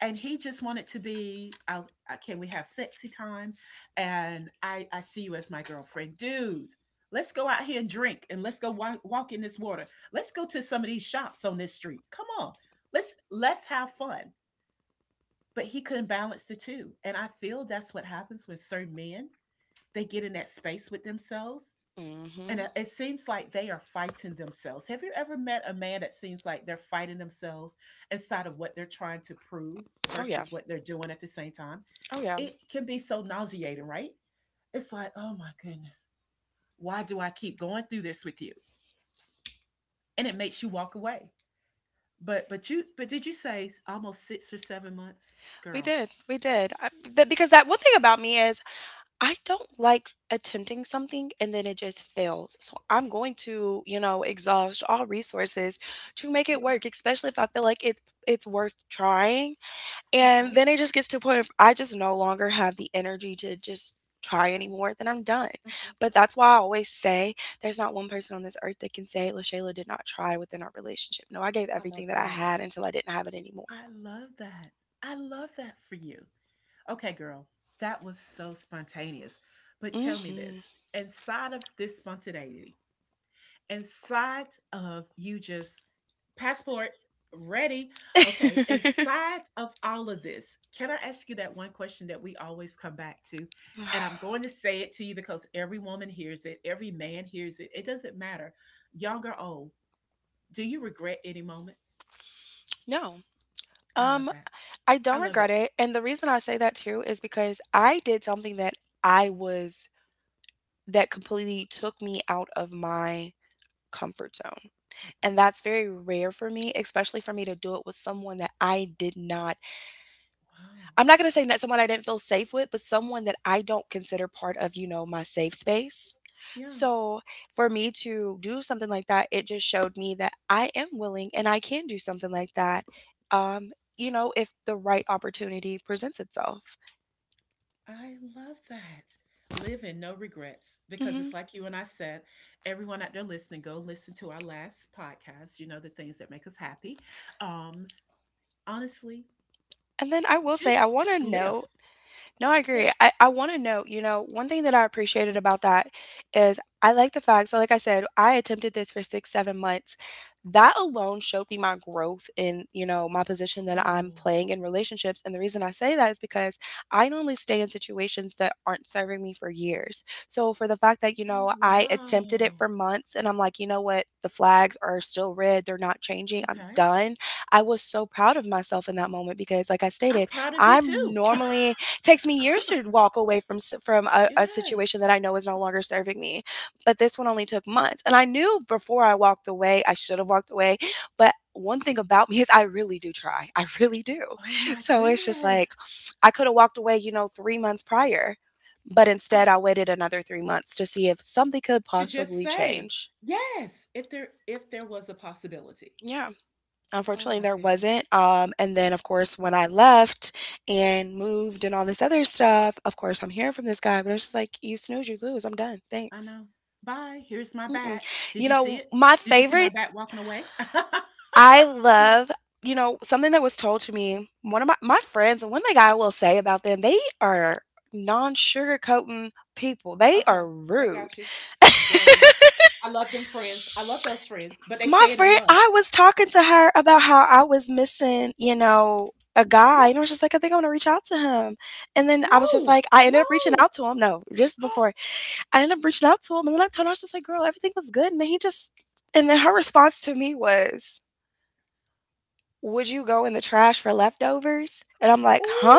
[SPEAKER 1] and he just wanted to be, I, can we have sexy time, and I see you as my girlfriend, dude. Let's go out here and drink, and let's go walk in this water. Let's go to some of these shops on this street. Come on, let's have fun." But he couldn't balance the two, and I feel that's what happens when certain men, they get in that space with themselves and
[SPEAKER 2] Mm-hmm.
[SPEAKER 1] it seems like they are fighting themselves. Have you ever met a man that seems like they're fighting themselves inside of what they're trying to prove
[SPEAKER 2] Oh, yeah.
[SPEAKER 1] versus what they're doing at the same time?
[SPEAKER 2] Oh, yeah.
[SPEAKER 1] It can be so nauseating, right? It's like, oh my goodness, why do I keep going through this with you? And it makes you walk away. But did you say almost 6 or 7 months,
[SPEAKER 2] We
[SPEAKER 1] girl?
[SPEAKER 2] did. We did. Because that one thing about me is I don't like attempting something and then it just fails. So I'm going to, exhaust all resources to make it
[SPEAKER 1] Okay,
[SPEAKER 2] work, especially if I feel like it's worth trying. And
[SPEAKER 1] okay,
[SPEAKER 2] then it just gets to a point of I just no longer have the energy to just try anymore, then I'm done.
[SPEAKER 1] okay.
[SPEAKER 2] But that's why I always say there's not one person on this earth that can say Lashayla did not try within our relationship. No, I gave
[SPEAKER 1] I love
[SPEAKER 2] everything that I
[SPEAKER 1] that.
[SPEAKER 2] had until I didn't have it anymore.
[SPEAKER 1] I love that. I love that for you. Okay, girl, that was so spontaneous. But tell me
[SPEAKER 2] Hmm.
[SPEAKER 1] this, inside of this spontaneity, inside of you just passport ready, okay, inside of all of this, can I ask you that one question that we always come back to? And I'm going to say it to you because every woman hears it, every man hears it. It doesn't matter, young or old. Do you regret any moment?
[SPEAKER 2] No.
[SPEAKER 1] I love
[SPEAKER 2] Um,
[SPEAKER 1] that.
[SPEAKER 2] I
[SPEAKER 1] I
[SPEAKER 2] don't
[SPEAKER 1] love
[SPEAKER 2] regret
[SPEAKER 1] it.
[SPEAKER 2] it. And the reason I say that too is because I did something that I was that completely took me out of my comfort zone. And that's very rare for me, especially for me to do it with someone that
[SPEAKER 1] Wow.
[SPEAKER 2] I'm not gonna say that someone I didn't feel safe with, but someone that I don't consider part of, my safe space.
[SPEAKER 1] Yeah.
[SPEAKER 2] So for me to do something like that, it just showed me that I am willing and I can do something like that, um, if the right opportunity presents itself.
[SPEAKER 1] I love that. Live in no regrets because it's
[SPEAKER 2] Mhm.
[SPEAKER 1] like you and I said, everyone out there listening, go listen to our last podcast, the things that make us happy. Um, Honestly,
[SPEAKER 2] And then I will say
[SPEAKER 1] just
[SPEAKER 2] I wanna
[SPEAKER 1] just
[SPEAKER 2] know.
[SPEAKER 1] live.
[SPEAKER 2] No, I agree.
[SPEAKER 1] Yes.
[SPEAKER 2] I want to note, one thing that I appreciated about that is I like the fact, so like I said, I attempted this for 6, 7 months. That alone showed me my growth in, my position that I'm
[SPEAKER 1] Oh,
[SPEAKER 2] playing in relationships. And the reason I say that is because I normally stay in situations that aren't serving me for years. So for the fact that,
[SPEAKER 1] oh,
[SPEAKER 2] I attempted it
[SPEAKER 1] wow.
[SPEAKER 2] for months and I'm like, you know what, the flags are still red, they're not changing, I'm
[SPEAKER 1] Okay.
[SPEAKER 2] done. I was so proud of myself in that moment because, like I
[SPEAKER 1] I'm
[SPEAKER 2] stated,
[SPEAKER 1] proud of you
[SPEAKER 2] I'm
[SPEAKER 1] too.
[SPEAKER 2] normally it takes me years to walk away from a
[SPEAKER 1] Yes.
[SPEAKER 2] situation that I know is no longer serving me. But this one only took months, and I knew before I walked away I should have walked away. But one thing about me is I really do try. I really do.
[SPEAKER 1] Oh my
[SPEAKER 2] So it's just like
[SPEAKER 1] goodness.
[SPEAKER 2] I could have walked away, 3 months prior, but instead
[SPEAKER 1] Oh,
[SPEAKER 2] I waited another 3 months to see if something could
[SPEAKER 1] to just
[SPEAKER 2] possibly
[SPEAKER 1] say,
[SPEAKER 2] change.
[SPEAKER 1] yes, if there was a possibility.
[SPEAKER 2] Yeah.
[SPEAKER 1] Oh
[SPEAKER 2] Unfortunately,
[SPEAKER 1] my
[SPEAKER 2] there
[SPEAKER 1] goodness.
[SPEAKER 2] wasn't. And then, of course, when I left and moved and all this other stuff, of course, I'm hearing from this guy, but it's just like, you snooze, you lose. I'm done.
[SPEAKER 1] I
[SPEAKER 2] Thanks.
[SPEAKER 1] know. Bye. Here's my
[SPEAKER 2] Mm-mm.
[SPEAKER 1] back. Did you see it?
[SPEAKER 2] My
[SPEAKER 1] Did you see my
[SPEAKER 2] favorite,
[SPEAKER 1] back walking away?
[SPEAKER 2] I love, something that was told to me. One of my friends, and one thing I will say about them, they are non sugarcoating people. They
[SPEAKER 1] Okay,
[SPEAKER 2] are
[SPEAKER 1] I
[SPEAKER 2] rude.
[SPEAKER 1] got you. Very. I love them friends. I love those friends, but they
[SPEAKER 2] My
[SPEAKER 1] say it in
[SPEAKER 2] friend,
[SPEAKER 1] love.
[SPEAKER 2] I was talking to her about how I was missing, a guy. And I
[SPEAKER 1] Yes.
[SPEAKER 2] was just like, I think I want to reach out to him. And then I was just
[SPEAKER 1] No.
[SPEAKER 2] like, I ended up reaching
[SPEAKER 1] No.
[SPEAKER 2] out to him. No, just before I ended up reaching out to him. And then I told her, I was just like, girl, everything was good. And then he just, and then her response to me was, would you go in the trash for leftovers? And I'm like, huh?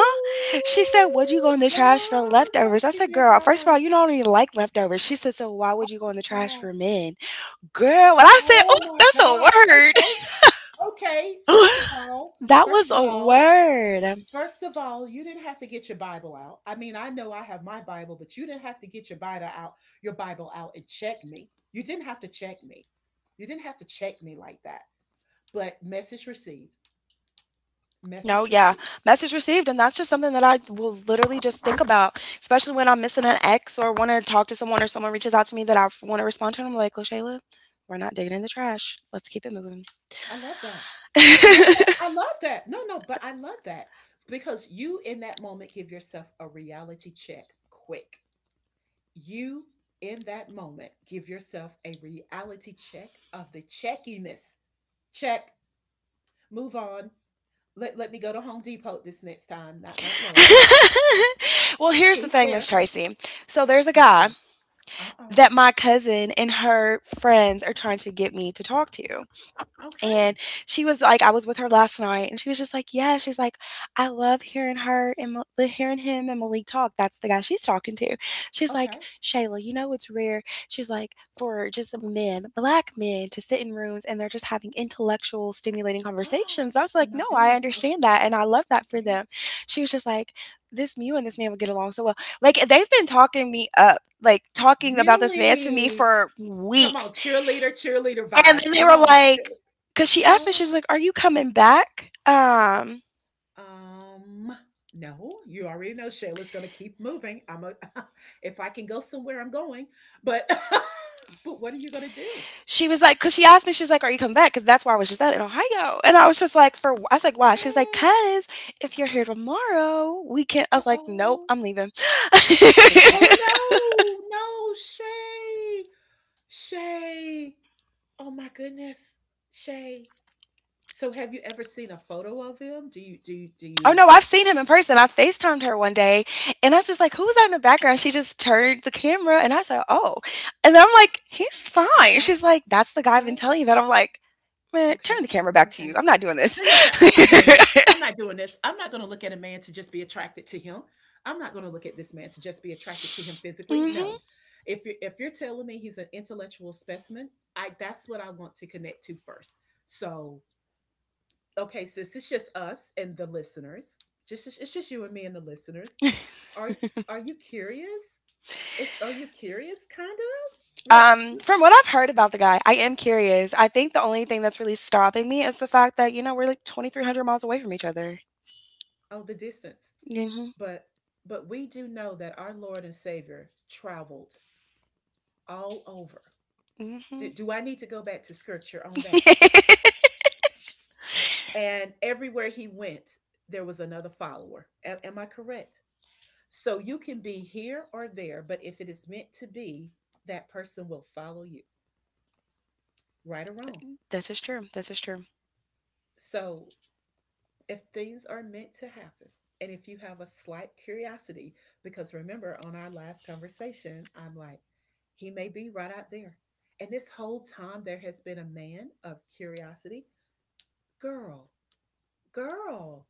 [SPEAKER 2] She said, would you go in the
[SPEAKER 1] girl.
[SPEAKER 2] trash for
[SPEAKER 1] No,
[SPEAKER 2] leftovers? I
[SPEAKER 1] she
[SPEAKER 2] said,
[SPEAKER 1] did
[SPEAKER 2] girl, first of all,
[SPEAKER 1] not.
[SPEAKER 2] you don't even like leftovers. She said, so why would you go in the trash
[SPEAKER 1] God.
[SPEAKER 2] for men? Girl, when I said,
[SPEAKER 1] Oh
[SPEAKER 2] oh,
[SPEAKER 1] my
[SPEAKER 2] that's
[SPEAKER 1] God. Okay.
[SPEAKER 2] a
[SPEAKER 1] Okay.
[SPEAKER 2] word.
[SPEAKER 1] First of all,
[SPEAKER 2] That
[SPEAKER 1] first
[SPEAKER 2] was
[SPEAKER 1] of
[SPEAKER 2] a
[SPEAKER 1] all,
[SPEAKER 2] word.
[SPEAKER 1] First of all, you didn't have to get your Bible out. I mean, I know I have my Bible, but you didn't have to get your Bible out and check me. You didn't have to check me. You didn't have to check me like that. But message received.
[SPEAKER 2] No,
[SPEAKER 1] Message
[SPEAKER 2] yeah.
[SPEAKER 1] received.
[SPEAKER 2] Message received. And that's just something that I will literally just think about, especially when I'm missing an ex or want to talk to someone or someone reaches out to me that I want to respond to. And I'm like, LaShayla, we're not digging in the trash. Let's keep it moving.
[SPEAKER 1] I love that. I love that. I love that. No, no, but I love that because you, in that moment, give yourself a reality check quick. You, in that moment, give yourself a reality check of the checkiness. Check, move on. Let me go to Home Depot this next time, not Lowe's.
[SPEAKER 2] Well, here's the
[SPEAKER 1] He's
[SPEAKER 2] thing, Miss
[SPEAKER 1] there.
[SPEAKER 2] Tracy. So there's a
[SPEAKER 1] What,
[SPEAKER 2] guy
[SPEAKER 1] girl? Uh oh.
[SPEAKER 2] that my cousin and her friends are trying to get me to talk to. And
[SPEAKER 1] Okay.
[SPEAKER 2] she was like, I was with her last night, and she was just like, "Yeah." She's like, "I love hearing hearing him and Malik talk. That's the guy she's talking to." She's like,
[SPEAKER 1] Okay.
[SPEAKER 2] "Shayla, you know it's rare." She's like, "For just men, black men, to sit in rooms and they're just having intellectual, stimulating conversations." I was
[SPEAKER 1] Oh
[SPEAKER 2] like,
[SPEAKER 1] my
[SPEAKER 2] "No, I
[SPEAKER 1] goodness. Oh,
[SPEAKER 2] understand that, and I love that for them."
[SPEAKER 1] yes.
[SPEAKER 2] She was just like, "This You and this man would get along so well." Like they've been talking me up. Like talking about this man to me
[SPEAKER 1] Really?
[SPEAKER 2] for
[SPEAKER 1] Come on,
[SPEAKER 2] weeks
[SPEAKER 1] cheerleader, cheerleader
[SPEAKER 2] and
[SPEAKER 1] vibes.
[SPEAKER 2] then they
[SPEAKER 1] Come
[SPEAKER 2] were
[SPEAKER 1] on,
[SPEAKER 2] like, because she
[SPEAKER 1] come
[SPEAKER 2] asked me, she was
[SPEAKER 1] on.
[SPEAKER 2] like, "Are you coming back?"
[SPEAKER 1] Um, no, you already know Shayla's gonna keep moving. I'm a if I can go somewhere, I'm going. But but what are you gonna do?
[SPEAKER 2] She was like, because she asked me, she was like, "Are you coming back?" Because that's where I was just at in Ohio, and I was just like, I was like, why?" She was like, "Cause if you're here tomorrow, we can't." I
[SPEAKER 1] Uh
[SPEAKER 2] was like, "Nope,
[SPEAKER 1] oh.
[SPEAKER 2] I'm leaving."
[SPEAKER 1] Oh no, no, Shay. Shay. Oh my goodness. Shay. So have you ever seen a photo of him? Do you do you do
[SPEAKER 2] Oh
[SPEAKER 1] you
[SPEAKER 2] no, I've seen him in person. I FaceTimed her one day, and I was just like, "Who was that in the background?" She just turned the camera, and I said, "Oh," and I'm like, "He's fine."
[SPEAKER 1] Okay.
[SPEAKER 2] She's like, "That's the guy I've been
[SPEAKER 1] Okay.
[SPEAKER 2] telling you about." I'm like, "Man, turn
[SPEAKER 1] Okay.
[SPEAKER 2] the camera back to you.
[SPEAKER 1] Okay.
[SPEAKER 2] I'm not doing this."
[SPEAKER 1] Tell your cat, I'm not doing this. I'm not doing this. I'm not going to look at a man to just be attracted to him. I'm not going to look at this man to just be attracted to him physically.
[SPEAKER 2] Mhm.
[SPEAKER 1] No. If you're telling me he's an intellectual specimen, I that's what I want to connect to first. So, okay, sis, it's just us and the listeners. Just It's just you and me and the listeners. Are are you curious? If Are you curious, kind of? What?
[SPEAKER 2] From what I've heard about the guy, I am curious. I think the only thing that's really stopping me is the fact that, we're like 2,300 miles away from each other.
[SPEAKER 1] Oh, the distance.
[SPEAKER 2] Mhm.
[SPEAKER 1] But but we do know that our Lord and Savior traveled all over. Do,
[SPEAKER 2] Mhm.
[SPEAKER 1] do I need to go back to scripture on that? And everywhere he went, there was another follower. Am I correct? So you can be here or there, but if it is meant to be, that person will follow you, right or wrong.
[SPEAKER 2] This is true. This is true.
[SPEAKER 1] So if things are meant to happen, and if you have a slight curiosity, because remember on our last conversation, I'm like, he may be right out there, and this whole time there has been a man of curiosity, girl girl,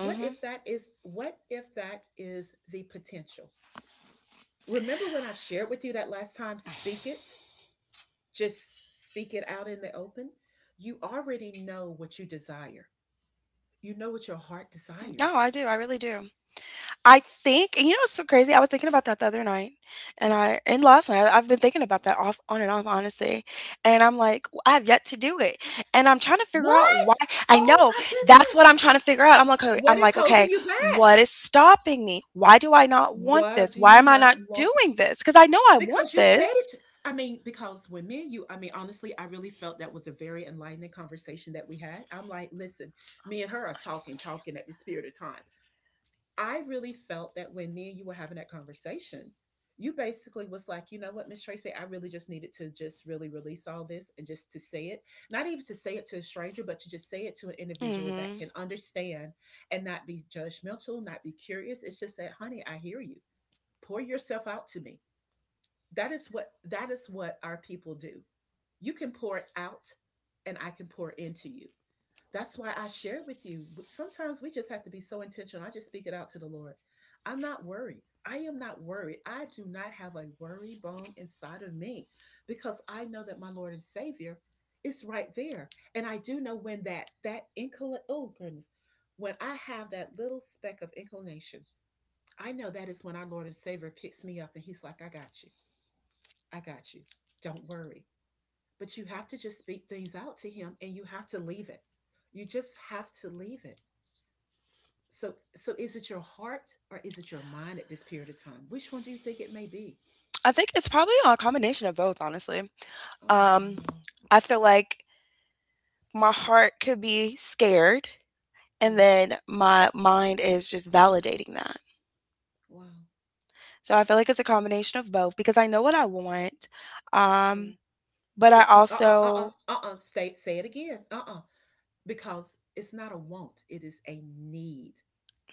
[SPEAKER 1] what if that is what if that is the potential. Remember when I shared with you that last time? Speak it. Just speak it out in the open. You already know what you desire. You know what your heart
[SPEAKER 2] No,
[SPEAKER 1] desires.
[SPEAKER 2] I do. I really do. I think And you know what's so crazy? I was thinking about that the other night, and last night, I've been thinking about that off on and off, honestly, and I'm like, I have yet to do it," and I'm trying to figure out why.
[SPEAKER 1] What?
[SPEAKER 2] I
[SPEAKER 1] Oh
[SPEAKER 2] know,
[SPEAKER 1] my
[SPEAKER 2] that's
[SPEAKER 1] goodness.
[SPEAKER 2] what I'm trying to figure out. I'm like, "Okay."
[SPEAKER 1] What
[SPEAKER 2] I'm
[SPEAKER 1] is
[SPEAKER 2] like, "Okay,
[SPEAKER 1] holding you back?
[SPEAKER 2] what is stopping me? Why do I not want
[SPEAKER 1] Why
[SPEAKER 2] this?
[SPEAKER 1] do
[SPEAKER 2] Why
[SPEAKER 1] you
[SPEAKER 2] am I
[SPEAKER 1] not
[SPEAKER 2] not
[SPEAKER 1] want,
[SPEAKER 2] doing this? Because I know I want
[SPEAKER 1] because you said
[SPEAKER 2] this."
[SPEAKER 1] it. I mean, because when me and you, I mean, honestly, I really felt that was a very enlightening conversation that we had. I'm like, listen, me and her are talking at the spirit of time. I really felt that when me and you were having that conversation, you basically was like, you know what, Miss Tracy, I really just needed to just really release all this and just to say it, not even to say it to a stranger, but to just say it to an individual that
[SPEAKER 2] Mhm.
[SPEAKER 1] can understand and not be judgmental, not be curious. It's just that, honey, I hear you. Pour yourself out to me. That is what our people do. You can pour out and I can pour into you. That's why I share with you. Sometimes we just have to be so intentional. I just speak it out to the Lord. I'm not worried. I am not worried. I do not have a worry bone inside of me because I know that my Lord and Savior is right there. And I do know when that inclination, oh goodness, when I have that little speck of inclination, I know that is when our Lord and Savior picks me up and he's like, I got you. I got you. Don't worry. But you have to just speak things out to him and you have to leave it. You just have to leave it. So, is it your heart or is it your mind at this period of time? Which one do you think it may be?
[SPEAKER 2] I think it's probably a combination of both, honestly.
[SPEAKER 1] Oh,
[SPEAKER 2] Um,
[SPEAKER 1] wow.
[SPEAKER 2] I feel like my heart could be scared and
[SPEAKER 1] Yeah.
[SPEAKER 2] then my mind is just validating that.
[SPEAKER 1] Wow.
[SPEAKER 2] So I feel like it's a combination of both because I know what I want,
[SPEAKER 1] Yeah.
[SPEAKER 2] um, but
[SPEAKER 1] But
[SPEAKER 2] I
[SPEAKER 1] see,
[SPEAKER 2] also.
[SPEAKER 1] say it again. Because it's not a want; it is a need.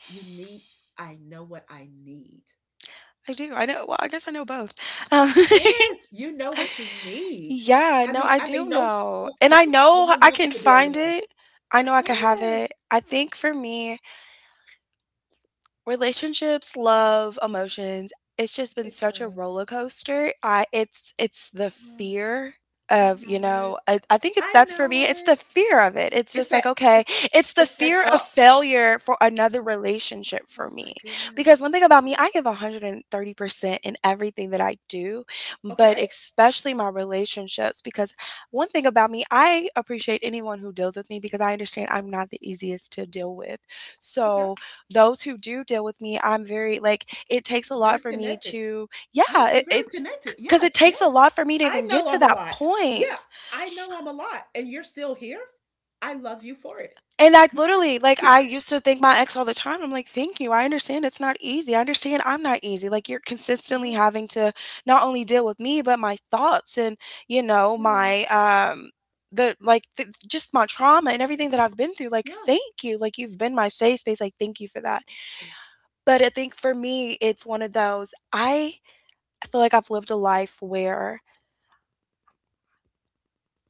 [SPEAKER 1] You need. I know what I need.
[SPEAKER 2] I do, I know, well, I guess I know both. Um,
[SPEAKER 1] Yes, you know what you need.
[SPEAKER 2] yeah,
[SPEAKER 1] I
[SPEAKER 2] no,
[SPEAKER 1] mean,
[SPEAKER 2] I do
[SPEAKER 1] no one
[SPEAKER 2] know,
[SPEAKER 1] wants
[SPEAKER 2] and
[SPEAKER 1] to
[SPEAKER 2] I know I can
[SPEAKER 1] be
[SPEAKER 2] find
[SPEAKER 1] alone.
[SPEAKER 2] it. I know I can have
[SPEAKER 1] Yes,
[SPEAKER 2] it. I think for me, relationships, love, emotions, it's just been
[SPEAKER 1] it
[SPEAKER 2] such a
[SPEAKER 1] does.
[SPEAKER 2] roller coaster. I it's the
[SPEAKER 1] Uh,
[SPEAKER 2] fear
[SPEAKER 1] I
[SPEAKER 2] of,
[SPEAKER 1] know it. I
[SPEAKER 2] that's for
[SPEAKER 1] know
[SPEAKER 2] me, it's the
[SPEAKER 1] it.
[SPEAKER 2] fear of it. It's
[SPEAKER 1] It's
[SPEAKER 2] just
[SPEAKER 1] that.
[SPEAKER 2] like, okay, it's the
[SPEAKER 1] It's said
[SPEAKER 2] fear of
[SPEAKER 1] up.
[SPEAKER 2] failure for another relationship
[SPEAKER 1] Oh
[SPEAKER 2] for
[SPEAKER 1] my
[SPEAKER 2] me.
[SPEAKER 1] goodness.
[SPEAKER 2] Because one thing about me,
[SPEAKER 1] Oh,
[SPEAKER 2] I give 130% in everything that I do, but
[SPEAKER 1] okay.
[SPEAKER 2] especially my relationships. Because one thing about me, I appreciate anyone who deals with me because I understand I'm not the easiest to deal with.
[SPEAKER 1] Okay.
[SPEAKER 2] So, those who do deal with me, I'm very like it takes a
[SPEAKER 1] Very
[SPEAKER 2] lot for me
[SPEAKER 1] connected.
[SPEAKER 2] to, yeah,
[SPEAKER 1] Yeah, you're
[SPEAKER 2] it,
[SPEAKER 1] very
[SPEAKER 2] it's
[SPEAKER 1] connected.
[SPEAKER 2] because it
[SPEAKER 1] Yes,
[SPEAKER 2] takes a
[SPEAKER 1] yes.
[SPEAKER 2] lot for me to
[SPEAKER 1] I
[SPEAKER 2] even get
[SPEAKER 1] know
[SPEAKER 2] to
[SPEAKER 1] I'm a
[SPEAKER 2] that
[SPEAKER 1] lot. Yeah,
[SPEAKER 2] point.
[SPEAKER 1] I know I'm a lot. And you're still here. I love you for it.
[SPEAKER 2] And I literally like I used to thank my ex all the time. I'm like, thank you. I understand it's not easy. I understand I'm not easy. Like you're consistently
[SPEAKER 1] Yeah,
[SPEAKER 2] having to not only deal with me, but my thoughts and you know
[SPEAKER 1] yeah,
[SPEAKER 2] my the like th- just my trauma and everything that I've been through. Like
[SPEAKER 1] yeah,
[SPEAKER 2] thank you. Like you've been my safe space. Like thank you for that. But I think for me, it's one of those. I feel like I've lived a life where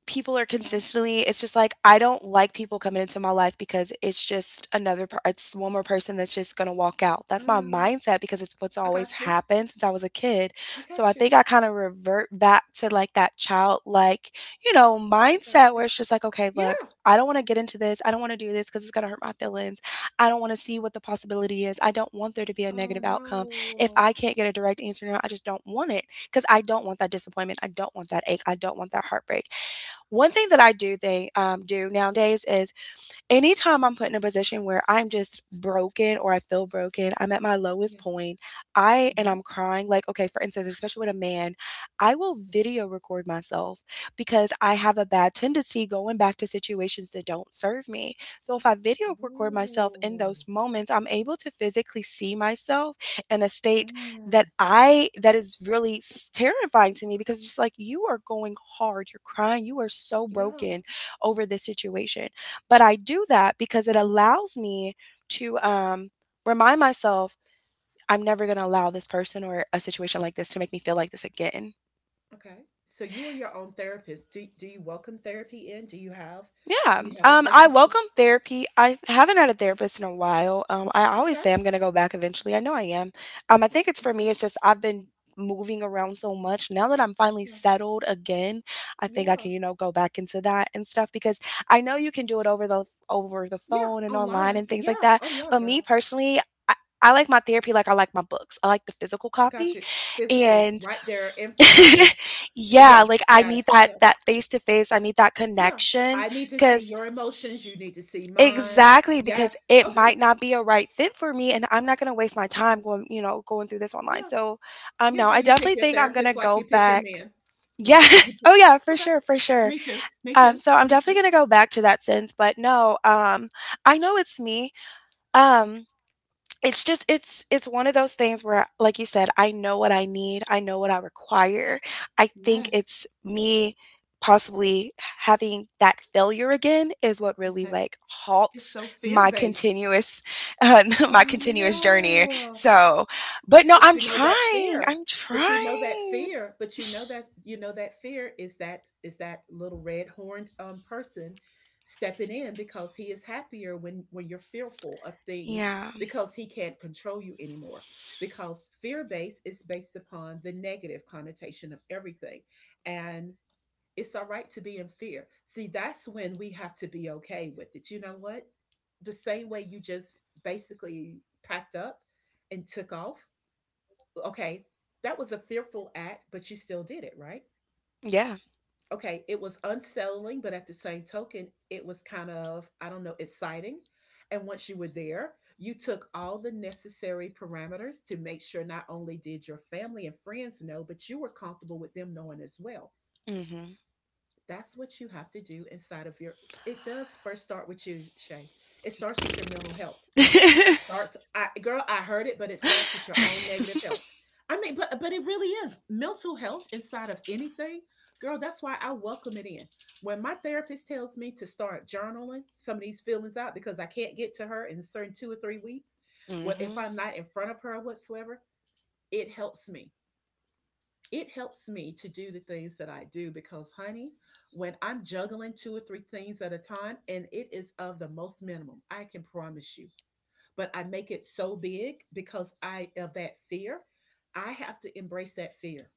[SPEAKER 2] people are
[SPEAKER 1] yeah.
[SPEAKER 2] consistently it's just like I don't like people coming into my life because it's just it's one more person that's just going to walk out. That's my
[SPEAKER 1] Um,
[SPEAKER 2] mindset because it's what's
[SPEAKER 1] I
[SPEAKER 2] always
[SPEAKER 1] got you.
[SPEAKER 2] happened since I was a kid.
[SPEAKER 1] I
[SPEAKER 2] So I
[SPEAKER 1] got
[SPEAKER 2] think
[SPEAKER 1] you.
[SPEAKER 2] I kind of revert back to like that childlike,
[SPEAKER 1] I got
[SPEAKER 2] mindset
[SPEAKER 1] you.
[SPEAKER 2] where it's just like, okay, look,
[SPEAKER 1] Yeah.
[SPEAKER 2] I don't want to get into this. I don't want to do this cuz it's going to hurt my feelings. I don't want to see what the possibility is. I don't want there to be a
[SPEAKER 1] Oh
[SPEAKER 2] negative outcome. If
[SPEAKER 1] no.
[SPEAKER 2] I can't get a direct answer now, I just don't want it cuz I don't want that disappointment. I don't want that ache. I don't want that heartbreak. One thing that I do nowadays is anytime I'm put in a position where I'm just broken or I feel broken, I'm at my lowest
[SPEAKER 1] Yes.
[SPEAKER 2] point, I and
[SPEAKER 1] Uh-huh.
[SPEAKER 2] I'm crying, like, okay, for instance, especially with a man, I will video record myself because I have a bad tendency going back to situations that don't serve me. So if I video record myself in
[SPEAKER 1] Ooh.
[SPEAKER 2] those moments, I'm able to physically see myself in a state that
[SPEAKER 1] Mm.
[SPEAKER 2] I that is really terrifying to me because it's just like you are going hard, you're crying, you are so
[SPEAKER 1] Yeah.
[SPEAKER 2] broken over this situation but I do that because it allows me to remind myself I'm never going to allow this person or a situation like this to make me feel like this again.
[SPEAKER 1] Okay. So you are your own therapist. Do you welcome therapy in? Do you have
[SPEAKER 2] Yeah.
[SPEAKER 1] do you have a
[SPEAKER 2] I
[SPEAKER 1] person? Okay.
[SPEAKER 2] welcome therapy. I haven't had a therapist in a while. I always
[SPEAKER 1] Okay.
[SPEAKER 2] say I'm gonna go back eventually. I know I am. I think it's for me,
[SPEAKER 1] Okay.
[SPEAKER 2] it's just I've been moving around so much. Now that I'm finally
[SPEAKER 1] Yeah.
[SPEAKER 2] settled again, I think I
[SPEAKER 1] Yeah.
[SPEAKER 2] can, you know, go back into that and stuff because I know you can do it over the
[SPEAKER 1] Yeah.
[SPEAKER 2] phone and online
[SPEAKER 1] Online.
[SPEAKER 2] and things like
[SPEAKER 1] Yeah.
[SPEAKER 2] that.
[SPEAKER 1] Oh yeah,
[SPEAKER 2] But me
[SPEAKER 1] girl.
[SPEAKER 2] personally, I, I like my therapy like I like my books. I like the physical
[SPEAKER 1] I got
[SPEAKER 2] copy.
[SPEAKER 1] you. Physical
[SPEAKER 2] And
[SPEAKER 1] right there in front of me.
[SPEAKER 2] yeah,
[SPEAKER 1] Yes.
[SPEAKER 2] like I
[SPEAKER 1] Yes.
[SPEAKER 2] need that
[SPEAKER 1] Yes.
[SPEAKER 2] that face to face. I need that
[SPEAKER 1] Yeah.
[SPEAKER 2] connection
[SPEAKER 1] I need to see
[SPEAKER 2] because
[SPEAKER 1] your emotions. You need to see mine.
[SPEAKER 2] exactly, because
[SPEAKER 1] Yes.
[SPEAKER 2] it
[SPEAKER 1] Okay.
[SPEAKER 2] might not be a right fit for me and I'm not gonna waste my time going, you know, going through this online.
[SPEAKER 1] Yeah.
[SPEAKER 2] So,
[SPEAKER 1] Yeah,
[SPEAKER 2] no,
[SPEAKER 1] girl.
[SPEAKER 2] I
[SPEAKER 1] You pick
[SPEAKER 2] definitely
[SPEAKER 1] your
[SPEAKER 2] think I'm gonna
[SPEAKER 1] therapist like you
[SPEAKER 2] go
[SPEAKER 1] pick your
[SPEAKER 2] back.
[SPEAKER 1] man,
[SPEAKER 2] Yeah.
[SPEAKER 1] right?
[SPEAKER 2] Oh yeah, for
[SPEAKER 1] Okay.
[SPEAKER 2] sure, for sure.
[SPEAKER 1] Me too. Me too.
[SPEAKER 2] So I'm
[SPEAKER 1] Me too.
[SPEAKER 2] definitely gonna go back to that sense, but no, I know it's me. Um, it's just it's one of those things where like you said, I know what I need, I know what I require. I think
[SPEAKER 1] Yes.
[SPEAKER 2] it's me possibly having that failure again is what
[SPEAKER 1] It's
[SPEAKER 2] really
[SPEAKER 1] that.
[SPEAKER 2] like
[SPEAKER 1] It's
[SPEAKER 2] halts
[SPEAKER 1] so fear
[SPEAKER 2] my
[SPEAKER 1] based.
[SPEAKER 2] continuous uh, my
[SPEAKER 1] Oh,
[SPEAKER 2] continuous journey
[SPEAKER 1] no.
[SPEAKER 2] so but no,
[SPEAKER 1] But
[SPEAKER 2] I'm
[SPEAKER 1] you know that
[SPEAKER 2] trying,
[SPEAKER 1] fear.
[SPEAKER 2] I'm
[SPEAKER 1] But you know that
[SPEAKER 2] trying.
[SPEAKER 1] fear. But you know that fear is that little red horned person stepping in because he is happier when you're fearful of things
[SPEAKER 2] Yeah,
[SPEAKER 1] because he can't control you anymore. Because fear based is based upon the negative connotation of everything. And it's all right to be in fear. See, that's when we have to be okay with it. You know what? The same way you just basically packed up and took off. Okay, that was a fearful act, but you still did it, right?
[SPEAKER 2] yeah.
[SPEAKER 1] Okay, it was unsettling, but at the same token, it was kind of, I don't know, exciting. And once you were there, you took all the necessary parameters to make sure not only did your family and friends know, but you were comfortable with them knowing as well.
[SPEAKER 2] Hmm.
[SPEAKER 1] That's what you have to do inside of your it does first start with you, Shay. It starts with your mental health. It starts I, girl, I heard it, but it starts with your own negative health. I mean, but it really is mental health inside of anything. Girl, that's why I welcome it in. When my therapist tells me to start journaling some of these feelings out because I can't get to her in a certain 2 or 3 weeks, well, if
[SPEAKER 2] Hmm.
[SPEAKER 1] I'm not in front of her whatsoever, it helps me it helps me to do the things that I do because, honey, when I'm juggling 2 or 3 things at a time and it is of the most minimum, I can promise you. But I make it so big because I of that fear. I have to embrace that fear.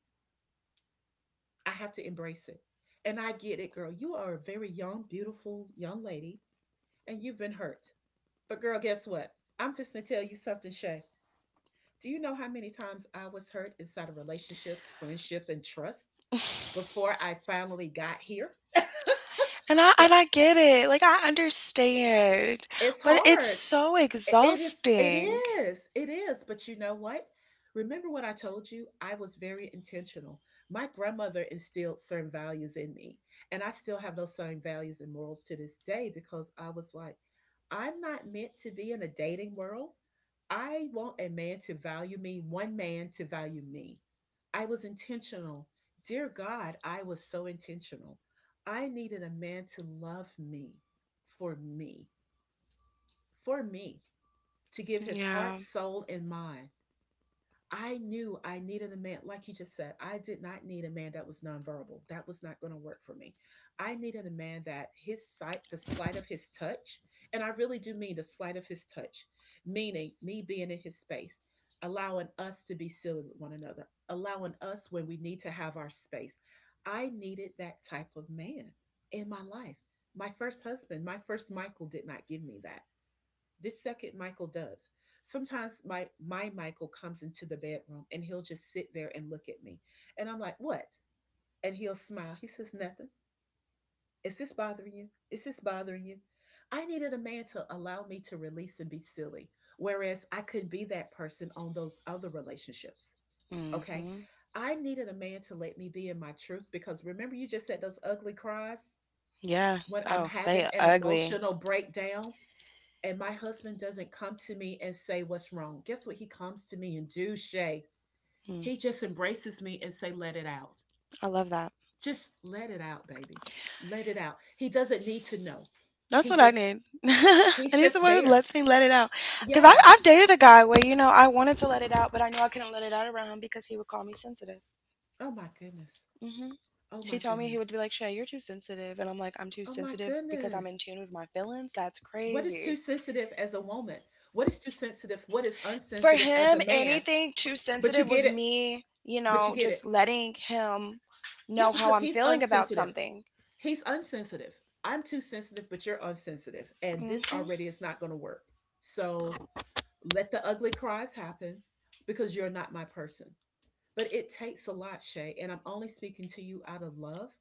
[SPEAKER 1] I have to embrace it. And I get it, girl. You are a very young, beautiful young lady and you've been hurt. But, girl, guess what? I'm fixing to tell you something, Shay. Do you know how many times I was hurt inside of relationships, friendship, and trust before I finally got here?
[SPEAKER 2] And I get it, like, I understand,
[SPEAKER 1] It's
[SPEAKER 2] but it's
[SPEAKER 1] hard.
[SPEAKER 2] so
[SPEAKER 1] It is, it
[SPEAKER 2] exhausting.
[SPEAKER 1] is, it is. But you know what? Remember what I told you? I was very intentional. My grandmother instilled certain values in me, and I still have those same values and morals to this day because I was like, I'm not meant to be in a dating world. I want a man to value me, one man to value me. I was intentional. Dear God, I was so intentional. I needed a man to love me for me, for me to give his
[SPEAKER 2] Yeah.
[SPEAKER 1] heart, soul, and mind. I knew I needed a man, like you just said. I did not need a man that was nonverbal. That was not going to work for me. I needed a man that his sight, the slight of his touch, and I really do mean the slight of his touch, meaning me being in his space, allowing us to be silly with one another, allowing us when we need to have our space. I needed that type of man in my life. My first husband, my first Michael did not give me that. This second Michael does. Sometimes my Michael comes into the bedroom and he'll just sit there and look at me. And I'm like, "What?" And he'll smile. He says, "Nothing. Is this bothering you? Is this bothering you?" I needed a man to allow me to release and be silly, whereas I could not be that person on those other relationships. Okay?
[SPEAKER 2] Mhm.
[SPEAKER 1] I needed a man to let me be in my truth because remember you just said those ugly cries
[SPEAKER 2] Yeah.
[SPEAKER 1] when I'm
[SPEAKER 2] Oh,
[SPEAKER 1] having
[SPEAKER 2] they
[SPEAKER 1] an
[SPEAKER 2] ugly.
[SPEAKER 1] emotional breakdown and my husband doesn't come to me and say what's wrong. Guess what he comes to me and do, Shay?
[SPEAKER 2] Mm,
[SPEAKER 1] He just embraces me and say, let it out.
[SPEAKER 2] I love that.
[SPEAKER 1] Just let it out, baby. Let it out. He doesn't need to know.
[SPEAKER 2] That's
[SPEAKER 1] He
[SPEAKER 2] what I
[SPEAKER 1] just
[SPEAKER 2] need. I
[SPEAKER 1] he's
[SPEAKER 2] need
[SPEAKER 1] just
[SPEAKER 2] someone who
[SPEAKER 1] there.
[SPEAKER 2] lets me let it out. Cause I
[SPEAKER 1] Yeah.
[SPEAKER 2] I've dated a guy where, you know, I wanted to let it out, but I knew I couldn't let it out around him because he would call me sensitive.
[SPEAKER 1] Oh my goodness.
[SPEAKER 2] Mhm.
[SPEAKER 1] Oh
[SPEAKER 2] He
[SPEAKER 1] my
[SPEAKER 2] told me he would
[SPEAKER 1] goodness.
[SPEAKER 2] be like, "Shay, you're too sensitive." And I'm like, "I'm too
[SPEAKER 1] Oh my
[SPEAKER 2] sensitive because I'm
[SPEAKER 1] goodness.
[SPEAKER 2] in tune with my feelings? That's
[SPEAKER 1] What is too
[SPEAKER 2] crazy."
[SPEAKER 1] sensitive as a woman? What is too sensitive? What is
[SPEAKER 2] For
[SPEAKER 1] unsensitive as a
[SPEAKER 2] him
[SPEAKER 1] man?
[SPEAKER 2] anything too
[SPEAKER 1] But you
[SPEAKER 2] sensitive
[SPEAKER 1] get
[SPEAKER 2] was
[SPEAKER 1] it.
[SPEAKER 2] me, you
[SPEAKER 1] But you
[SPEAKER 2] know,
[SPEAKER 1] get it.
[SPEAKER 2] just letting him
[SPEAKER 1] Yeah,
[SPEAKER 2] know how
[SPEAKER 1] because
[SPEAKER 2] I'm
[SPEAKER 1] he's
[SPEAKER 2] feeling about
[SPEAKER 1] unsensitive.
[SPEAKER 2] something.
[SPEAKER 1] He's unsensitive. I'm too sensitive, but you're unsensitive. And this
[SPEAKER 2] Hmm.
[SPEAKER 1] already is not going to work. So let the ugly cries happen because you're not my person. But it takes a lot, Shay. And I'm only speaking to you out of love.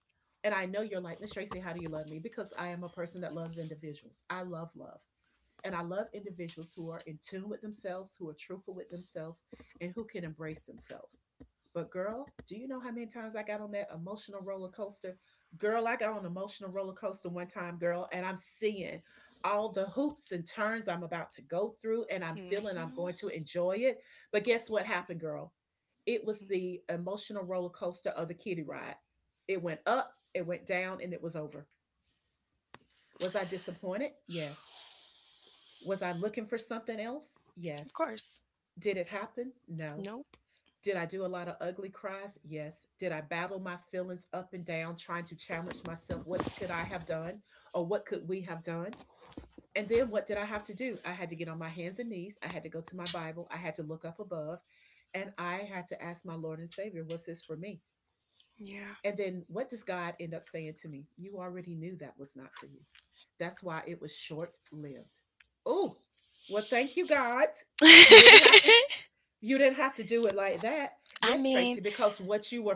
[SPEAKER 1] And I know you're like, Miss Tracy, how do you love me? Because I am a person that loves individuals. I love love. And I love individuals who are in tune with themselves, who are truthful with themselves, and who can embrace themselves. But girl, do you know how many times I got on that emotional roller coaster? Girl, I got on an emotional roller coaster one time, girl, and I'm seeing all the hoops and turns I'm about to go through, and I'm feeling I'm
[SPEAKER 2] Hmm.
[SPEAKER 1] going to enjoy it. But guess what happened, girl? It was the emotional roller coaster of the kiddie ride. It went up, it went down, and it was over. Was I disappointed? Yes. Was I looking for something else?
[SPEAKER 2] Of
[SPEAKER 1] Yes.
[SPEAKER 2] course.
[SPEAKER 1] Did it happen? No.
[SPEAKER 2] Nope.
[SPEAKER 1] Did I do a lot of ugly cries? Yes. Did I battle my feelings up and down, trying to challenge myself? What could I have done? Or what could we have done? And then what did I have to do? I had to get on my hands and knees. I had to go to my Bible. I had to look up above. And I had to ask my Lord and Savior, was this for me?
[SPEAKER 2] Yeah.
[SPEAKER 1] And then what does God end up saying to me? You already knew that was not for you. That's why it was short lived. Oh, well, thank you, God. You didn't have to you didn't have to do it like that.
[SPEAKER 2] I
[SPEAKER 1] Yes, Tracy,
[SPEAKER 2] mean,
[SPEAKER 1] because what you were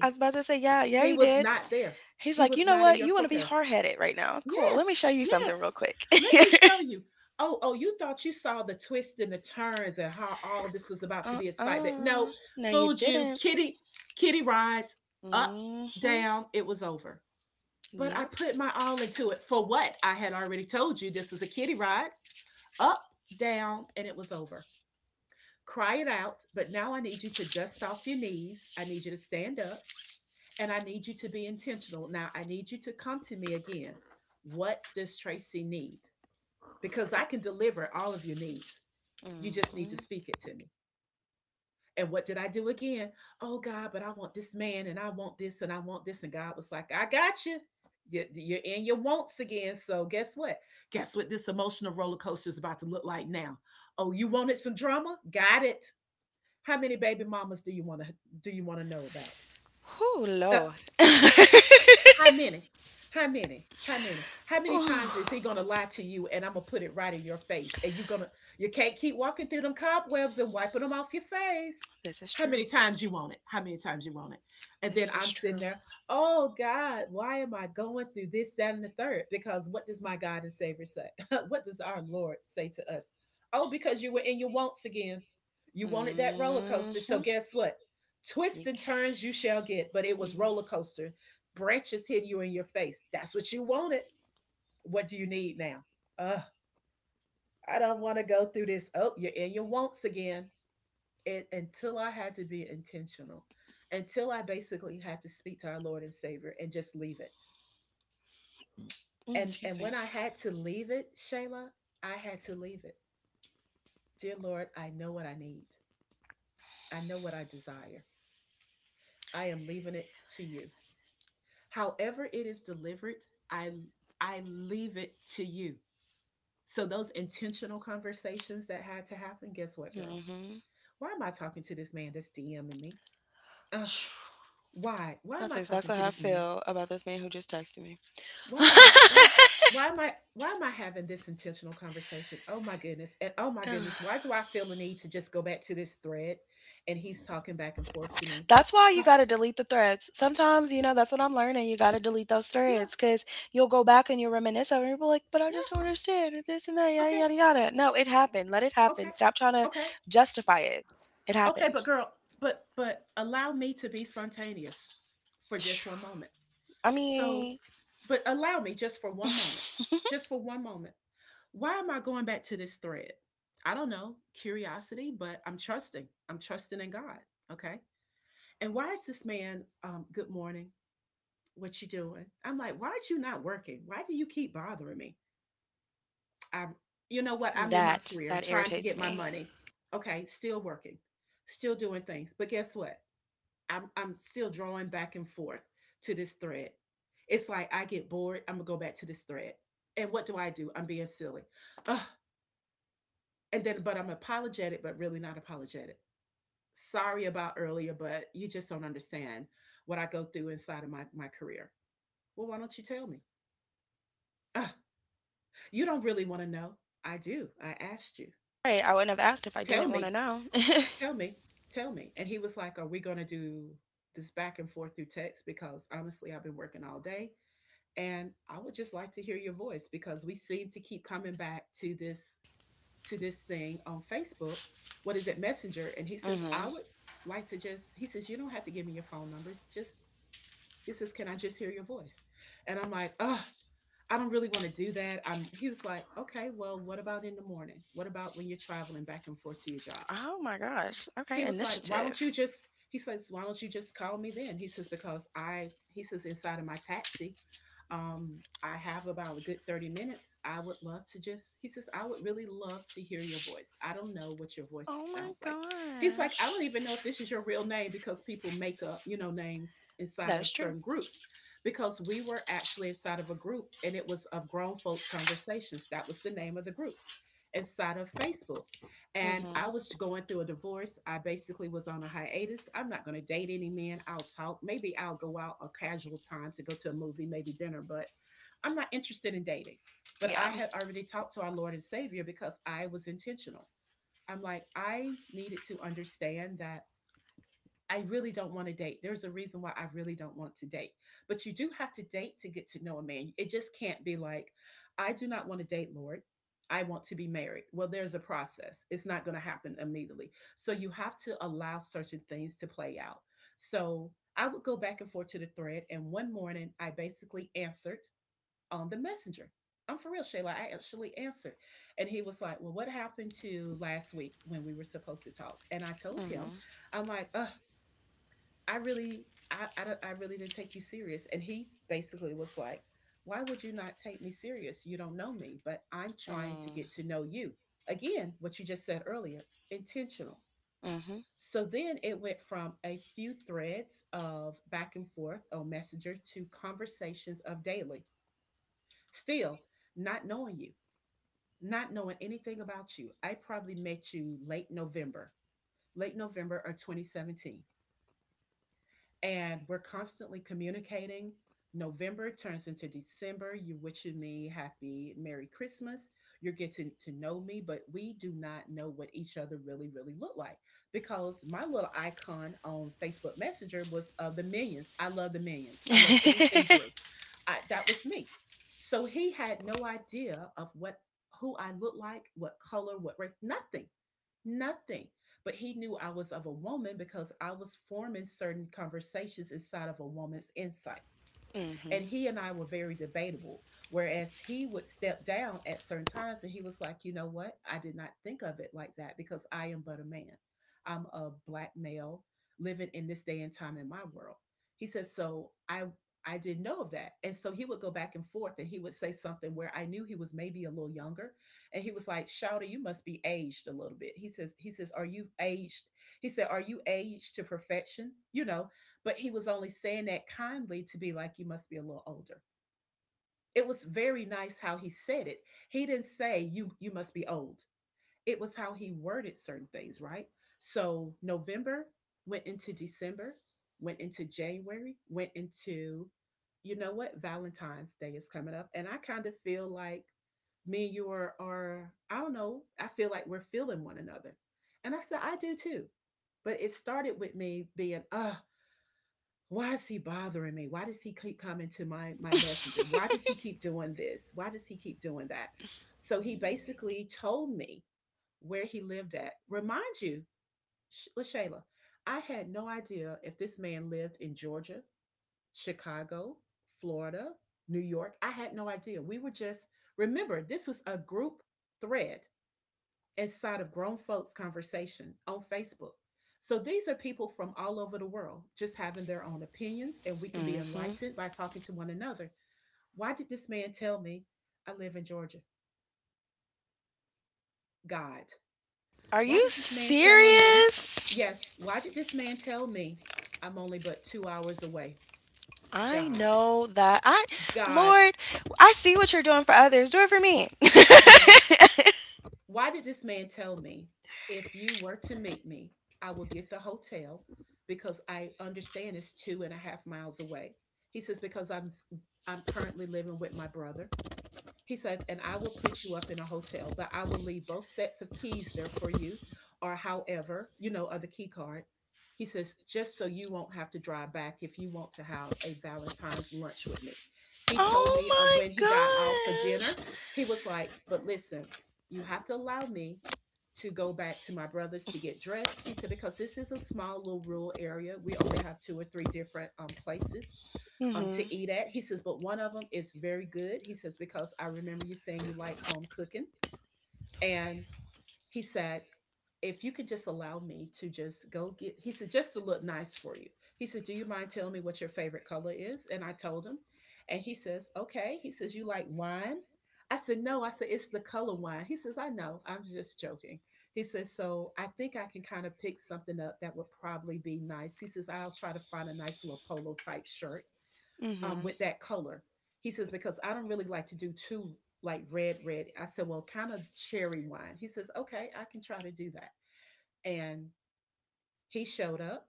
[SPEAKER 2] I was about to say yeah, yeah,
[SPEAKER 1] he
[SPEAKER 2] he
[SPEAKER 1] was
[SPEAKER 2] did.
[SPEAKER 1] not there.
[SPEAKER 2] He's
[SPEAKER 1] He
[SPEAKER 2] like, you
[SPEAKER 1] was
[SPEAKER 2] know
[SPEAKER 1] not in
[SPEAKER 2] what,
[SPEAKER 1] your
[SPEAKER 2] you want to be
[SPEAKER 1] forecast.
[SPEAKER 2] hard-headed right now, cool, let me
[SPEAKER 1] Yes,
[SPEAKER 2] show you something
[SPEAKER 1] yes.
[SPEAKER 2] real quick.
[SPEAKER 1] Let me show you. Oh, oh, you thought you saw the twists and the turns and how all this was about to be excitement. No,
[SPEAKER 2] Uh-uh, no you
[SPEAKER 1] fooled you.
[SPEAKER 2] didn't.
[SPEAKER 1] Kitty rides up,
[SPEAKER 2] Mm hmm.
[SPEAKER 1] down. It was over. But I
[SPEAKER 2] Yep.
[SPEAKER 1] put my all into it. For what? I had already told you this was a kitty ride. Up, down, and it was over. Cry it out. But now I need you to dust off your knees. I need you to stand up. And I need you to be intentional. Now I need you to come to me again. What does Tracy need? Because I can deliver all of your needs. You
[SPEAKER 2] Mm
[SPEAKER 1] just need to
[SPEAKER 2] hmm.
[SPEAKER 1] speak it to me. And what did I do again? Oh God, but I want this man and I want this and I want this. And God was like, I got you. You're, in your wants again. So guess what? Guess what this emotional roller coaster is about to look like now? Oh, you wanted some drama? Got it. How many baby mamas do you want to know about?
[SPEAKER 2] Whew,
[SPEAKER 1] Uh,
[SPEAKER 2] Lord.
[SPEAKER 1] How many? How many? How many? How many
[SPEAKER 2] Ooh,
[SPEAKER 1] times is he gonna lie to you and I'm gonna put it right in your face? And you can't keep walking through them cobwebs and wiping them off your face.
[SPEAKER 2] this is
[SPEAKER 1] How many
[SPEAKER 2] true.
[SPEAKER 1] times you want it? How many times you want it? And then
[SPEAKER 2] This is
[SPEAKER 1] I'm sitting
[SPEAKER 2] true.
[SPEAKER 1] there, oh God, why am I going through this, that, and the third? Because what does my God and Savior say? what does our Lord say to us? Oh, because you were in your wants again. You wanted that roller coaster. So
[SPEAKER 2] Hmm.
[SPEAKER 1] guess what? Twists
[SPEAKER 2] You,
[SPEAKER 1] and turns you shall get, but it was
[SPEAKER 2] you,
[SPEAKER 1] roller coaster branches hit you in your face. That's what you wanted. What do you need now? Uh, I don't want to go through this. Oh, you're in your wants again. It, until I had to be intentional, until I basically had to speak to our Lord and Savior and just leave it.
[SPEAKER 2] mm,
[SPEAKER 1] And
[SPEAKER 2] excuse
[SPEAKER 1] and
[SPEAKER 2] me.
[SPEAKER 1] when I had to leave it, Shayla, I had to leave it. Dear Lord, I know what I need. I know what I desire. I am leaving it to you. However it is delivered, I I leave it to you. So those intentional conversations that had to happen, guess what, girl?
[SPEAKER 2] Hmm.
[SPEAKER 1] Why am I talking to this man that's DMing me? Uh, why? Why am
[SPEAKER 2] That's
[SPEAKER 1] I talking
[SPEAKER 2] exactly
[SPEAKER 1] to
[SPEAKER 2] how I
[SPEAKER 1] this man?
[SPEAKER 2] feel about this man who just texted me.
[SPEAKER 1] Why
[SPEAKER 2] Ugh.
[SPEAKER 1] am I why why am I having this intentional conversation? Oh my goodness. And oh my goodness, why do I feel the need to just go back to this thread and he's talking back and forth to me?
[SPEAKER 2] That's why you
[SPEAKER 1] Oh,
[SPEAKER 2] got to delete the threads. Sometimes, you know, that's what I'm learning. You got to delete those
[SPEAKER 1] yeah,
[SPEAKER 2] threads because you'll go back and you'll reminisce over it. You'll be like, but I
[SPEAKER 1] yeah,
[SPEAKER 2] just don't understand. And this and that, yada,
[SPEAKER 1] okay,
[SPEAKER 2] yada, yada. No, it happened. Let it
[SPEAKER 1] okay,
[SPEAKER 2] happen. Stop trying to
[SPEAKER 1] okay,
[SPEAKER 2] justify it. It
[SPEAKER 1] okay,
[SPEAKER 2] happened.
[SPEAKER 1] but girl, but allow me to be spontaneous for just one moment.
[SPEAKER 2] I
[SPEAKER 1] So,
[SPEAKER 2] mean,
[SPEAKER 1] but allow me just for one moment, just for one moment. Why am I going back to this thread? I don't know, curiosity, but I'm trusting. I'm trusting in God. Okay. And why is this man, good morning, what you doing? I'm like, why aren't you not working? Why do you keep bothering me? I'm, you know what? I'm in my
[SPEAKER 2] that,
[SPEAKER 1] career. I'm
[SPEAKER 2] that
[SPEAKER 1] trying to get
[SPEAKER 2] irritates
[SPEAKER 1] my
[SPEAKER 2] me.
[SPEAKER 1] money. Okay. Still working, still doing things. But guess what? I'm still drawing back and forth to this thread. It's like I get bored, I'm gonna go back to this thread. And what do I do? I'm being silly. Ugh. And then but I'm apologetic, but really not apologetic. Sorry about earlier, but you just don't understand what I go through inside of my career. Well, why don't you tell me? Ugh. You don't really want to know. I do. I asked you.
[SPEAKER 2] Right, I wouldn't have asked if I
[SPEAKER 1] Tell
[SPEAKER 2] didn't wanna
[SPEAKER 1] me.
[SPEAKER 2] know.
[SPEAKER 1] Tell me. Tell me. And he was like, are we gonna do this back and forth through text? Because honestly, I've been working all day and I would just like to hear your voice because we seem to keep coming back to this thing on Facebook, what is it, Messenger. And he says, I
[SPEAKER 2] Mhm.
[SPEAKER 1] would like to just, he says, you don't have to give me your phone number, just, he says, can I just hear your voice? And I'm like, oh, I don't really want to do that. I'm He was like, okay, well what about in the morning, what about when you're traveling back and forth to your job?
[SPEAKER 2] Oh my gosh, okay,
[SPEAKER 1] He was like, why don't you
[SPEAKER 2] initiative.
[SPEAKER 1] just, he says, why don't you just call me then? He says, because I he says inside of my taxi I have about a good 30 minutes. I would love to just, he says, I would really love to hear your voice. I don't know what your voice
[SPEAKER 2] Oh my
[SPEAKER 1] sounds like. He's like, I don't
[SPEAKER 2] gosh.
[SPEAKER 1] even know if this is your real name because people make up, you know, names inside
[SPEAKER 2] That
[SPEAKER 1] of
[SPEAKER 2] is true.
[SPEAKER 1] certain groups. Because we were actually inside of a group and it was of grown folks conversations. That was the name of the group inside of Facebook. And I
[SPEAKER 2] Mhm,
[SPEAKER 1] was going through a divorce. I basically was on a hiatus. I'm not going to date any man. I'll talk. Maybe I'll go out a casual time to go to a movie, maybe dinner, but I'm not interested in dating. But
[SPEAKER 2] yeah,
[SPEAKER 1] I had already talked to our Lord and Savior because I was intentional. I'm like, I needed to understand that I really don't want to date. There's a reason why I really don't want to date. But you do have to date to get to know a man. It just can't be like, I do not want to date, Lord. I want to be married. Well, there's a process. It's not going to happen immediately. So you have to allow certain things to play out. So I would go back and forth to the thread. And one morning, I basically answered on the messenger. I'm for real, Shayla. I actually answered. And he was like, well, what happened to last week when we were supposed to talk? And I told
[SPEAKER 2] mhm,
[SPEAKER 1] him, I'm like, ugh, I really, I really didn't take you serious. And he basically was like, why would you not take me serious? You don't know me, but I'm trying to get
[SPEAKER 2] mm,
[SPEAKER 1] to know you. Again, what you just said earlier, intentional.
[SPEAKER 2] mhm.
[SPEAKER 1] So then it went from a few threads of back and forth on Messenger to conversations of daily. Still, not knowing you, not knowing anything about you. I probably met you late November of 2017. And we're constantly communicating. November turns into December. You wishing me happy Merry Christmas. You're getting to know me, but we do not know what each other really, really look like because my little icon on Facebook Messenger was the Minions. I love the Minions. I love anything Gru. I, that was me. So he had no idea of what, who I look like, what color, what race, nothing. Nothing. But he knew I was of a woman because I was forming certain conversations inside of a woman's insight.
[SPEAKER 2] Mhm,
[SPEAKER 1] And he and I were very debatable. Whereas he would step down at certain times and he was like, you know what? I did not think of it like that because I am but a man. I'm a black male living in this day and time in my world. He says, so I didn't know of that. And so he would go back and forth and he would say something where I knew he was maybe a little younger. And he was like, Shouter, you must be aged a little bit. He says, are you aged? He said, are you aged to perfection? You know, but he was only saying that kindly to be like, you must be a little older. It was very nice how he said it. He didn't say, you must be old. It was how he worded certain things, right? So November went into December, went into January, went into, you know what, Valentine's Day is coming up. And I kind of feel like me and you are, I don't know, I feel like we're feeling one another. And I said, I do too. But it started with me being why is he bothering me? Why does he keep coming to my messenger? Why does he keep doing this? Why does he keep doing that? So he basically told me where he lived at. Remind you, Lashayla, I had no idea if this man lived in Georgia, Chicago, Florida, New York. I had no idea. We were just, remember, this was a group thread inside of grown folks conversation on Facebook. So these are people from all over the world just having their own opinions and we can be
[SPEAKER 2] mhm.
[SPEAKER 1] enlightened by talking to one another. Why did this man tell me, I live in Georgia? God.
[SPEAKER 2] Are
[SPEAKER 1] Why
[SPEAKER 2] you
[SPEAKER 1] did this man tell me?
[SPEAKER 2] serious?
[SPEAKER 1] Yes, why did this man tell me I'm only but 2 hours away?
[SPEAKER 2] I
[SPEAKER 1] God.
[SPEAKER 2] know that I
[SPEAKER 1] God.
[SPEAKER 2] Lord, I see what you're doing for others, do it for me.
[SPEAKER 1] Okay. Why did this man tell me, if you were to meet me, I will get the hotel because I understand it's two and a half miles away? He says, because I'm I'm currently living with my brother. He's like, and I will put you up in a hotel, but I will leave both sets of keys there for you, or however, you know, or the key card. He says, just so you won't have to drive back if you want to have a Valentine's lunch with me. He told me of
[SPEAKER 2] Oh
[SPEAKER 1] when he got out for
[SPEAKER 2] my
[SPEAKER 1] dinner.
[SPEAKER 2] gosh.
[SPEAKER 1] He was like, but listen, you have to allow me to go back to my brother's to get dressed. He said, because this is a small little rural area. We only have two or three different places
[SPEAKER 2] Mhm,
[SPEAKER 1] to eat at. He says, but one of them is very good. He says, because I remember you saying you like home cooking. And he said, if you could just allow me to just go get, he said, just to look nice for you. He said, do you mind telling me what your favorite color is? And I told him. And he says, okay. He says, you like wine? I said, no. I said, it's the color wine. He says, I know. I'm just joking. He says, so I think I can kind of pick something up that would probably be nice. He says, I'll try to find a nice little polo type shirt
[SPEAKER 2] mhm.
[SPEAKER 1] with that color. He says, because I don't really like to do too like red, red. I said, well, kind of cherry wine. He says, okay, I can try to do that. And he showed up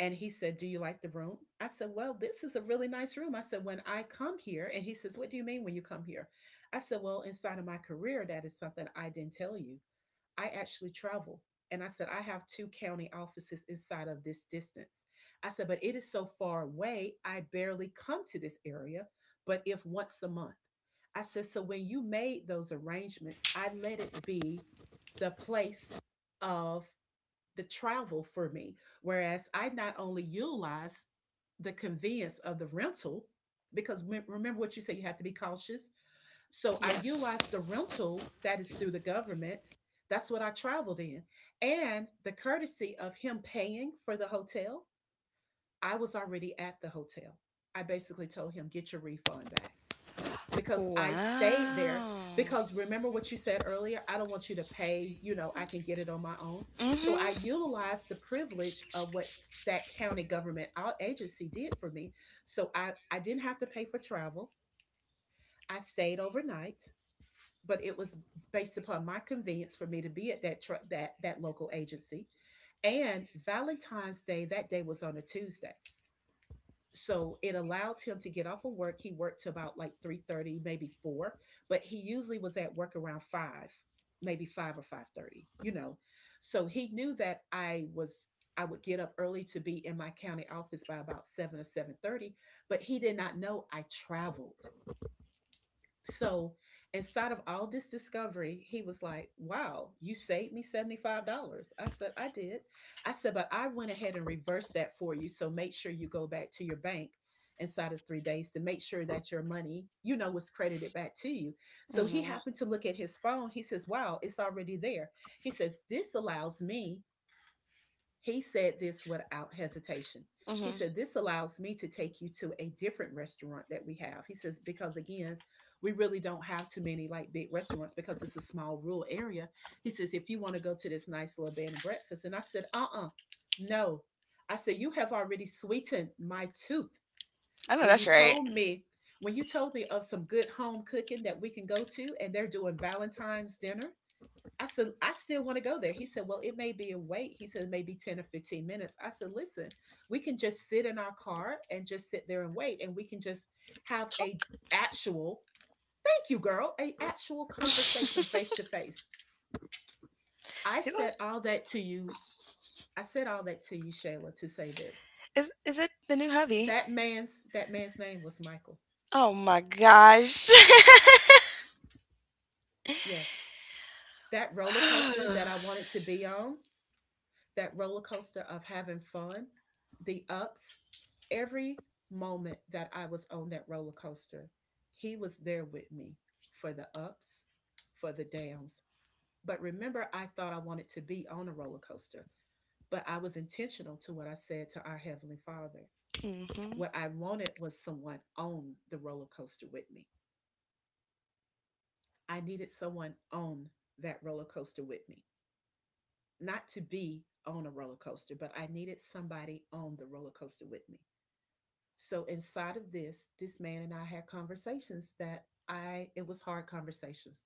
[SPEAKER 1] and he said, do you like the room? I said, well, this is a really nice room. I said, when I come here, and he says, what do you mean when you come here? I said, well, inside of my career, that is something I didn't tell you. I actually travel. And I said, I have two county offices inside of this distance. I said, but it is so far away, I barely come to this area, but if once a month. I said, so when you made those arrangements, I let it be the place of the travel for me. Whereas I not only utilize the convenience of the rental, because remember what you said, you have to be cautious, so I
[SPEAKER 2] Yes.
[SPEAKER 1] utilized the rental that is through the government. That's what I traveled in. And the courtesy of him paying for the hotel, I was already at the hotel. I basically told him, get your refund back because I stayed there.
[SPEAKER 2] Wow.
[SPEAKER 1] Because remember what you said earlier? I don't want you to pay, you know, I can get it on my own. So I
[SPEAKER 2] Mm-hmm.
[SPEAKER 1] utilized the privilege of what that county government agency did for me. So I didn't have to pay for travel. I stayed overnight, but it was based upon my convenience for me to be at that that local agency. And Valentine's Day that day was on a Tuesday, so it allowed him to get off of work. He worked to about like 3:30, maybe four, but he usually was at work around 5, maybe 5 or 5:30. You know, so he knew that I was. I would get up early to be in my county office by about 7 or 7:30, but he did not know I traveled, so, inside of all this discovery, he was like, wow, you saved me $75. I said, I did. I said, but I went ahead and reversed that for you. So, make sure you go back to your bank inside of 3 days to make sure that your money, you know, was credited back to you. So, he
[SPEAKER 2] Mm-hmm.
[SPEAKER 1] happened to look at his phone. He says, "Wow, it's already there." He says, "This allows me," he said this without hesitation. He
[SPEAKER 2] Mm-hmm.
[SPEAKER 1] said, "This allows me to take you to a different restaurant that we have." He says, "Because again, we really don't have too many like big restaurants because it's a small rural area." He says, "If you want to go to this nice little bed and breakfast." And I said, "Uh uh, no. I said, you have already sweetened my tooth
[SPEAKER 2] I know
[SPEAKER 1] when you
[SPEAKER 2] that's right.
[SPEAKER 1] told me. When you told me of some good home cooking that we can go to, and they're doing Valentine's dinner, I said, I still want to go there." He said, "Well, it may be a wait." He said, "Maybe 10 or 15 minutes." I said, "Listen, we can just sit in our car and just sit there and wait, and we can just have
[SPEAKER 2] Talk.
[SPEAKER 1] actual, thank you, girl, a actual conversation face to face. I
[SPEAKER 2] People
[SPEAKER 1] said all that to you. I said all that to you, Shayla, to say this."
[SPEAKER 2] is it the new hubby?
[SPEAKER 1] That man's name was Michael.
[SPEAKER 2] Oh my gosh.
[SPEAKER 1] Yes. That roller coaster
[SPEAKER 2] Mm-hmm.
[SPEAKER 1] that I wanted to be on, that roller coaster of having fun, the ups, every moment that I was on that roller coaster, he was there with me for the ups, for the downs. But remember, I thought I wanted to be on a roller coaster, but I was intentional to what I said to our Heavenly Father. What I wanted was someone on the roller coaster with me. I needed someone on that roller coaster with me, not to be on a roller coaster, but I needed somebody on the roller coaster with me. So inside of this man and I had conversations that I it was hard conversations.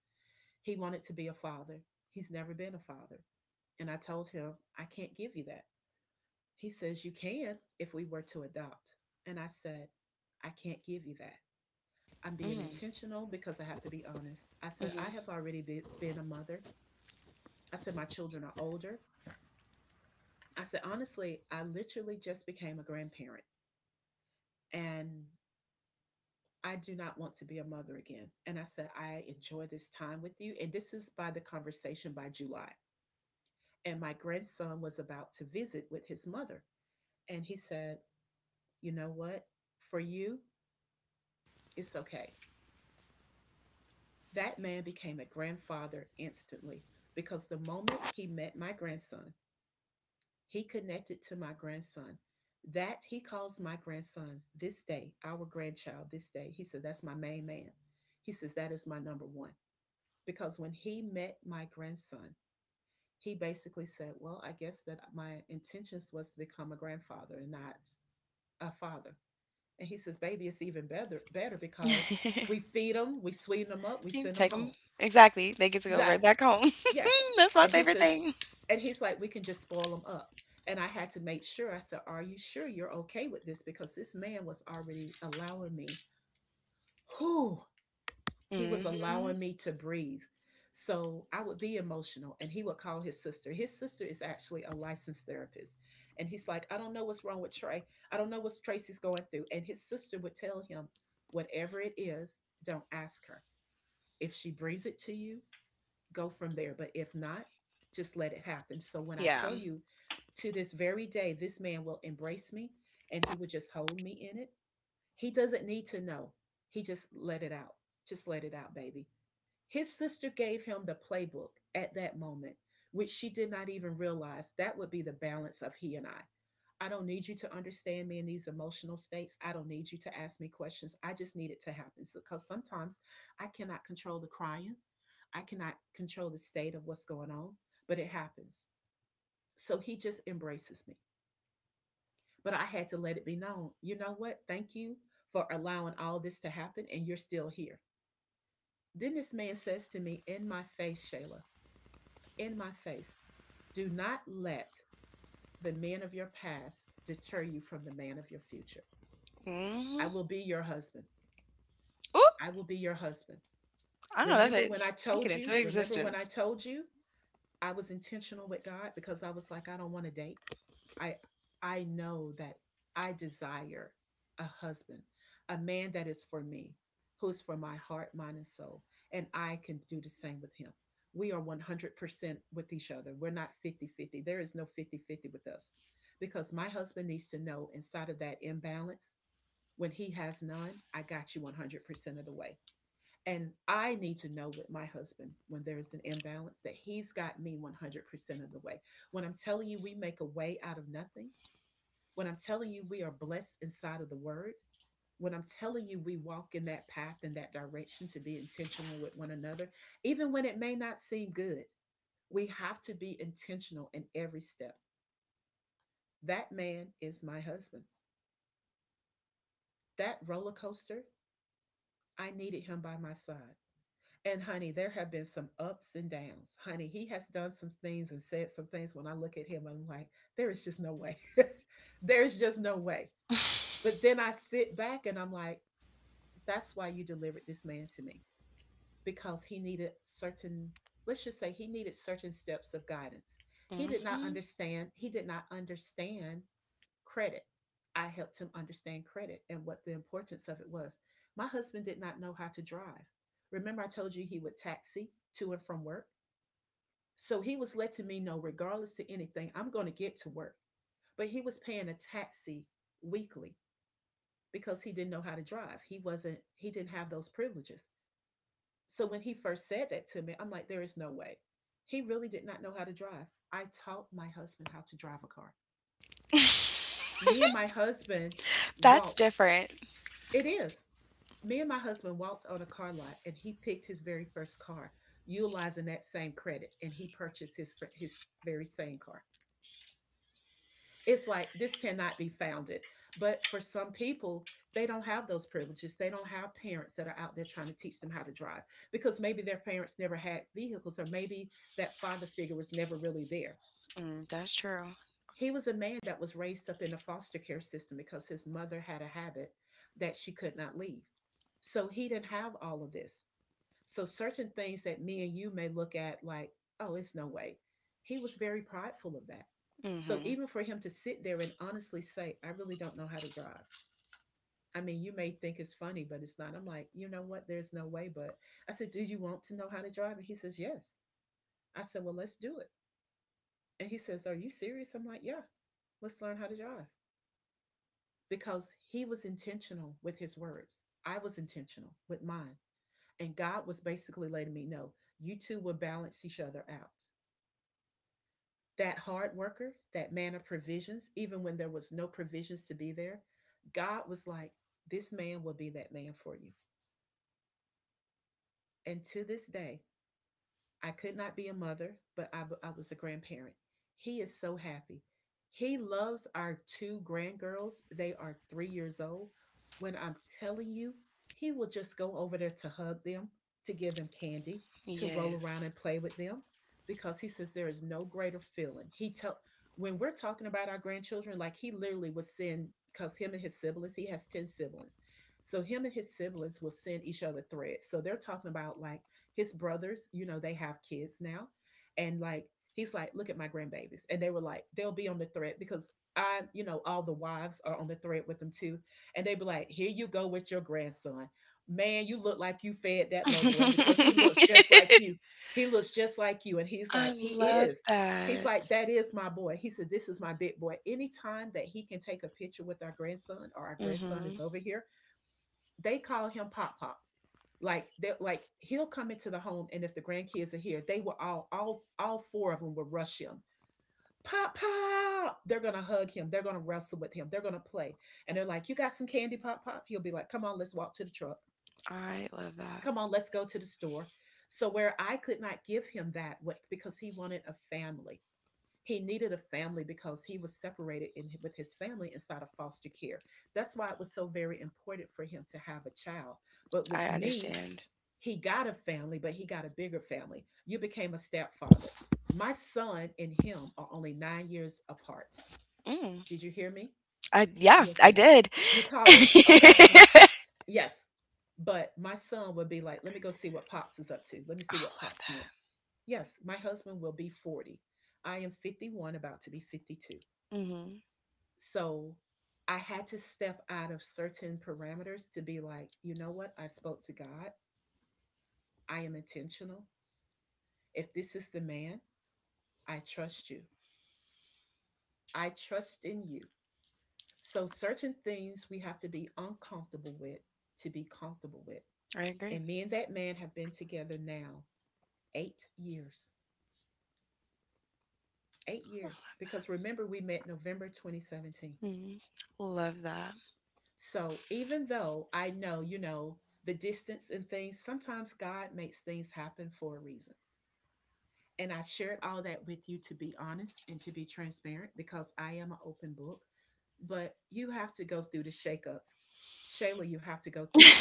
[SPEAKER 1] He wanted to be a father. He's never been a father. And I told him, "I can't give you that." He says, "You can if we were to adopt." And I said, "I can't give you that. I'm being
[SPEAKER 2] Mm-hmm.
[SPEAKER 1] intentional because I have to be honest." I said, "I have already been a mother." I said, "My children are older." I said, "Honestly, I literally just became a grandparent. And I do not want to be a mother again." And I said, "I enjoy this time with you." And this is by the conversation by July. And my grandson was about to visit with his mother. And he said, "You know what? For you, it's okay." That man became a grandfather instantly because the moment he met my grandson, he connected to my grandson. That he calls my grandson this day, our grandchild this day. He said, "That's my main man." He says, "That is my number one," because when he met my grandson, he basically said, "Well, I guess that my intentions was to become a grandfather and not a father." And he says, "Baby, it's even better, better because
[SPEAKER 2] Mm-hmm.
[SPEAKER 1] we feed them, we sweeten them up, we
[SPEAKER 2] You
[SPEAKER 1] send them
[SPEAKER 2] take them.
[SPEAKER 1] home."
[SPEAKER 2] Exactly. They get to go right
[SPEAKER 1] That,
[SPEAKER 2] back home.
[SPEAKER 1] yes.
[SPEAKER 2] That's my
[SPEAKER 1] And he
[SPEAKER 2] favorite
[SPEAKER 1] says,
[SPEAKER 2] thing.
[SPEAKER 1] And he's like, "We can just spoil them up." And I had to make sure. I said, "Are you sure you're okay with this?" Because this man was already allowing me, whew, he was
[SPEAKER 2] Mm-hmm.
[SPEAKER 1] allowing me to breathe. So I would be emotional, and he would call his sister. His sister is actually a licensed therapist. And he's like, "I don't know what's wrong with Trey. I don't know what Tracy's going through." And his sister would tell him, "Whatever it is, don't ask her. If she brings it to you, go from there. But if not, just let it happen." So when I
[SPEAKER 2] Yeah.
[SPEAKER 1] tell you, to this very day, this man will embrace me and he would just hold me in it. He doesn't need to know. He just let it out. Just let it out, baby. His sister gave him the playbook at that moment, which she did not even realize that would be the balance of he and I. I don't need you to understand me in these emotional states. I don't need you to ask me questions. I just need it to happen. Because sometimes I cannot control the crying. I cannot control the state of what's going on, but it happens. So he just embraces me. But I had to let it be known. You know what? Thank you for allowing all this to happen and you're still here. Then this man says to me in my face, "Shayla," in my face, "do not let the man of your past deter you from the man of your future. I
[SPEAKER 2] Mm-hmm.
[SPEAKER 1] will be your husband.
[SPEAKER 2] Oop.
[SPEAKER 1] I will be your husband."
[SPEAKER 2] I know that's
[SPEAKER 1] Remember
[SPEAKER 2] right.
[SPEAKER 1] when I
[SPEAKER 2] Speak it
[SPEAKER 1] told you?
[SPEAKER 2] into
[SPEAKER 1] Remember when I
[SPEAKER 2] existence.
[SPEAKER 1] told you? I was intentional with God because I was like, I don't want to date. I I know that I desire a husband, a man that is for me, who is for my heart, mind, and soul. And I can do the same with him. We are 100% with each other. We're not 50-50. There is no 50-50 with us because my husband needs to know inside of that imbalance, when he has none, I got you 100% of the way. And I need to know with my husband when there is an imbalance that he's got me 100% of the way. When I'm telling you we make a way out of nothing, when I'm telling you we are blessed inside of the word, when I'm telling you we walk in that path and that direction to be intentional with one another, even when it may not seem good, we have to be intentional in every step. That man is my husband. That roller coaster, I needed him by my side. And honey, there have been some ups and downs. Honey, he has done some things and said some things. When I look at him, I'm like, there is just no way. There's just no way. But then I sit back and I'm like, that's why you delivered this man to me because he needed certain, let's just say he needed certain steps of guidance. He did not
[SPEAKER 2] Mm-hmm.
[SPEAKER 1] understand. He did not understand credit. I helped him understand credit and what the importance of it was. My husband did not know how to drive. Remember, I told you he would taxi to and from work? So he was letting me know, regardless to anything, I'm going to get to work. But he was paying a taxi weekly because he didn't know how to drive. He wasn't, he didn't have those privileges. So when he first said that to me, I'm like, there is no way. He really did not know how to drive. I taught my husband how to drive a car. Me and my husband
[SPEAKER 2] That's
[SPEAKER 1] walked.
[SPEAKER 2] different.
[SPEAKER 1] It is. Me and my husband walked on a car lot and he picked his very first car, utilizing that same credit, and he purchased his very same car. It's like this cannot be founded. But for some people, they don't have those privileges. They don't have parents that are out there trying to teach them how to drive because maybe their parents never had vehicles or maybe that father figure was never really there.
[SPEAKER 2] Mm, that's true.
[SPEAKER 1] He was a man that was raised up in a foster care system because his mother had a habit that she could not leave. So he didn't have all of this. So certain things that me and you may look at like, oh, it's no way. He was very prideful of that. So
[SPEAKER 2] Mm-hmm.
[SPEAKER 1] even for him to sit there and honestly say, "I really don't know how to drive." I mean, you may think it's funny, but it's not. I'm like, you know what? There's no way. But I said, "Do you want to know how to drive?" And he says, "Yes." I said, "Well, let's do it." And he says, "Are you serious?" I'm like, "Yeah, let's learn how to drive." Because he was intentional with his words. I was intentional with mine. And God was basically letting me know you two will balance each other out. That hard worker, that man of provisions, even when there was no provisions to be there, God was like, "This man will be that man for you." And to this day, I could not be a mother, but I was a grandparent. He is so happy. He loves our two grandgirls. They are 3 years old. When I'm telling you, he will just go over there to hug them, to give them candy, to roll around
[SPEAKER 2] Yes.
[SPEAKER 1] and play with them, because he says there is no greater feeling. He tell, when we're talking about our grandchildren, like he literally would send, because him and his siblings, he has 10 siblings, so him and his siblings will send each other threads. So they're talking about like his brothers, you know, they have kids now. And like, he's like, look at my grandbabies. And they were like, they'll be on the thread because I, you know, all the wives are on the thread with them too. And they be like, here you go with your grandson. Man, you look like you fed that little boy because he looks just like you. He looks just like you. And he's
[SPEAKER 2] I
[SPEAKER 1] like, he
[SPEAKER 2] love
[SPEAKER 1] is. He's
[SPEAKER 2] that.
[SPEAKER 1] like, that is my boy. He said, this is my big boy. Anytime that he can take a picture with our grandson or our grandson is
[SPEAKER 2] Mhm.
[SPEAKER 1] over here, they call him Pop Pop like that, like he'll come into the home, and if the grandkids are here, they will all four of them will rush him. Pop Pop, they're gonna hug him, they're gonna wrestle with him, they're gonna play. And they're like, you got some candy, Pop Pop? He'll be like, come on, let's walk to the truck.
[SPEAKER 2] I love that.
[SPEAKER 1] Come on, let's go to the store. So where I could not give him that because he wanted a family, he needed a family because he was separated in, with his family inside of foster care. That's why it was so very important for him to have a child. But with
[SPEAKER 2] I
[SPEAKER 1] me,
[SPEAKER 2] understand.
[SPEAKER 1] he got a family, but he got a bigger family. You became a stepfather. My son and him are only 9 years apart.
[SPEAKER 2] Mm.
[SPEAKER 1] Did you hear me?
[SPEAKER 2] I yeah,
[SPEAKER 1] Yes.
[SPEAKER 2] I did.
[SPEAKER 1] You called it. Okay.
[SPEAKER 2] I
[SPEAKER 1] Yes. But my son would be like, let me go see what Pops is up to. Let me see what
[SPEAKER 2] love
[SPEAKER 1] Pops
[SPEAKER 2] that.
[SPEAKER 1] wants. Yes, my husband will be 40. I am 51, about to be 52.
[SPEAKER 2] Mhm.
[SPEAKER 1] So I had to step out of certain parameters to be like, you know what? I spoke to God. I am intentional. If this is the man, I trust you. I trust in you. So, certain things we have to be uncomfortable with to be comfortable with.
[SPEAKER 2] I agree.
[SPEAKER 1] And me and that man have been together now 8 years. 8 years. Because remember, we met November 2017.
[SPEAKER 2] Mhm. Love that.
[SPEAKER 1] So, even though I know, you know, the distance and things, sometimes God makes things happen for a reason. And I shared all that with you to be honest and to be transparent because I am an open book. But you have to go through the shakeups. Shayla, you have to go through them.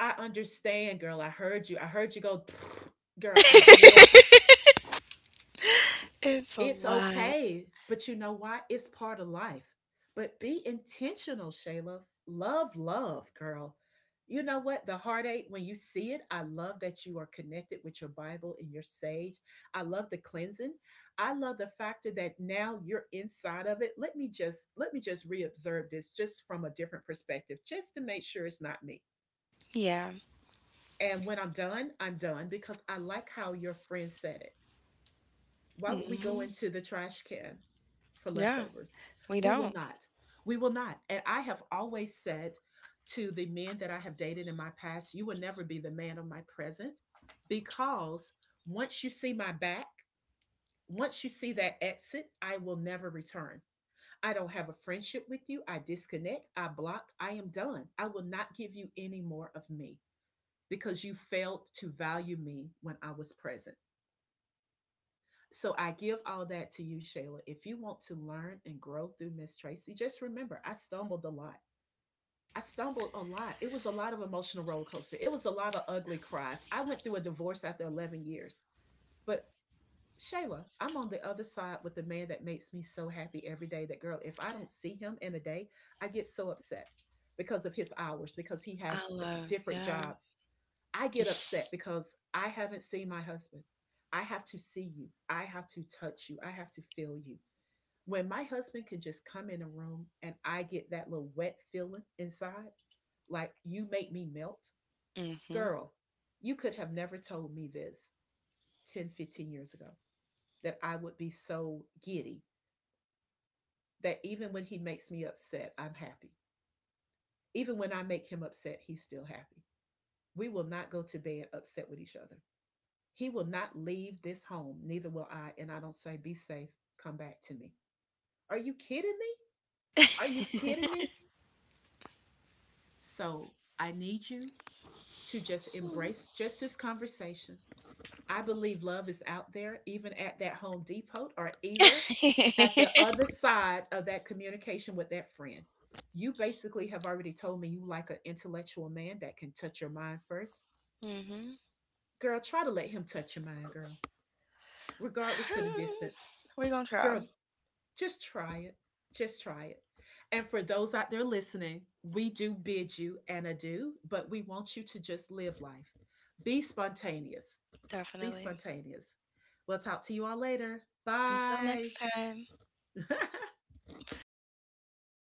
[SPEAKER 1] I understand, girl. I heard you. I heard you go, girl. I get it.
[SPEAKER 2] It's a
[SPEAKER 1] It's
[SPEAKER 2] lot.
[SPEAKER 1] okay. But you know why? It's part of life. But be intentional, Shayla. Love, love, girl. You know what? The heartache, when you see it, I love that you are connected with your Bible and your sage. I love the cleansing. I love the factor that now you're inside of it. Let me just reobserve this just from a different perspective, just to make sure it's not me.
[SPEAKER 2] Yeah.
[SPEAKER 1] And when I'm done, I'm done, because I like how your friend said it. Why would we go
[SPEAKER 2] Mhm.
[SPEAKER 1] into the trash can for
[SPEAKER 2] Yeah.
[SPEAKER 1] leftovers?
[SPEAKER 2] We
[SPEAKER 1] We will
[SPEAKER 2] don't.
[SPEAKER 1] not. We will not. And I have always said to the men that I have dated in my past, you will never be the man of my present, because once you see my back, once you see that exit, I will never return. I don't have a friendship with you. I disconnect. I block. I am done. I will not give you any more of me because you failed to value me when I was present. So I give all that to you, Shayla. If you want to learn and grow through Miss Tracy, just remember, I stumbled a lot. I stumbled a lot. It was a lot of emotional roller coaster. It was a lot of ugly cries. I went through a divorce after 11 years. But Shayla, I'm on the other side with the man that makes me so happy every day. That girl, if I don't see him in a day, I get so upset because of his hours, because he
[SPEAKER 2] I
[SPEAKER 1] has
[SPEAKER 2] love.
[SPEAKER 1] different
[SPEAKER 2] Yeah.
[SPEAKER 1] jobs. I get upset because I haven't seen my husband. I have to see you. I have to touch you. I have to feel you. When my husband can just come in a room and I get that little wet feeling inside, like you make me melt,
[SPEAKER 2] Mhm.
[SPEAKER 1] girl, you could have never told me this 10, 15 years ago, that I would be so giddy that even when he makes me upset, I'm happy. Even when I make him upset, he's still happy. We will not go to bed upset with each other. He will not leave this home, neither will I. And I don't say, be safe, come back to me. Are you kidding me? Are you
[SPEAKER 2] Mhm.
[SPEAKER 1] kidding me? So I need you to just embrace just this conversation. I believe love is out there, even at that Home Depot or either at the other side of that communication with that friend. You basically have already told me you like an intellectual man that can touch your mind first. Girl, try to let him touch your mind, girl, regardless to the distance.
[SPEAKER 2] We're gonna try.
[SPEAKER 1] Girl, just try it. Just try it. And for those out there listening, we do bid you an adieu, but we want you to just live life. Be spontaneous. Be
[SPEAKER 2] Definitely.
[SPEAKER 1] spontaneous. We'll talk to you all later.
[SPEAKER 2] Until
[SPEAKER 1] Bye.
[SPEAKER 2] next time.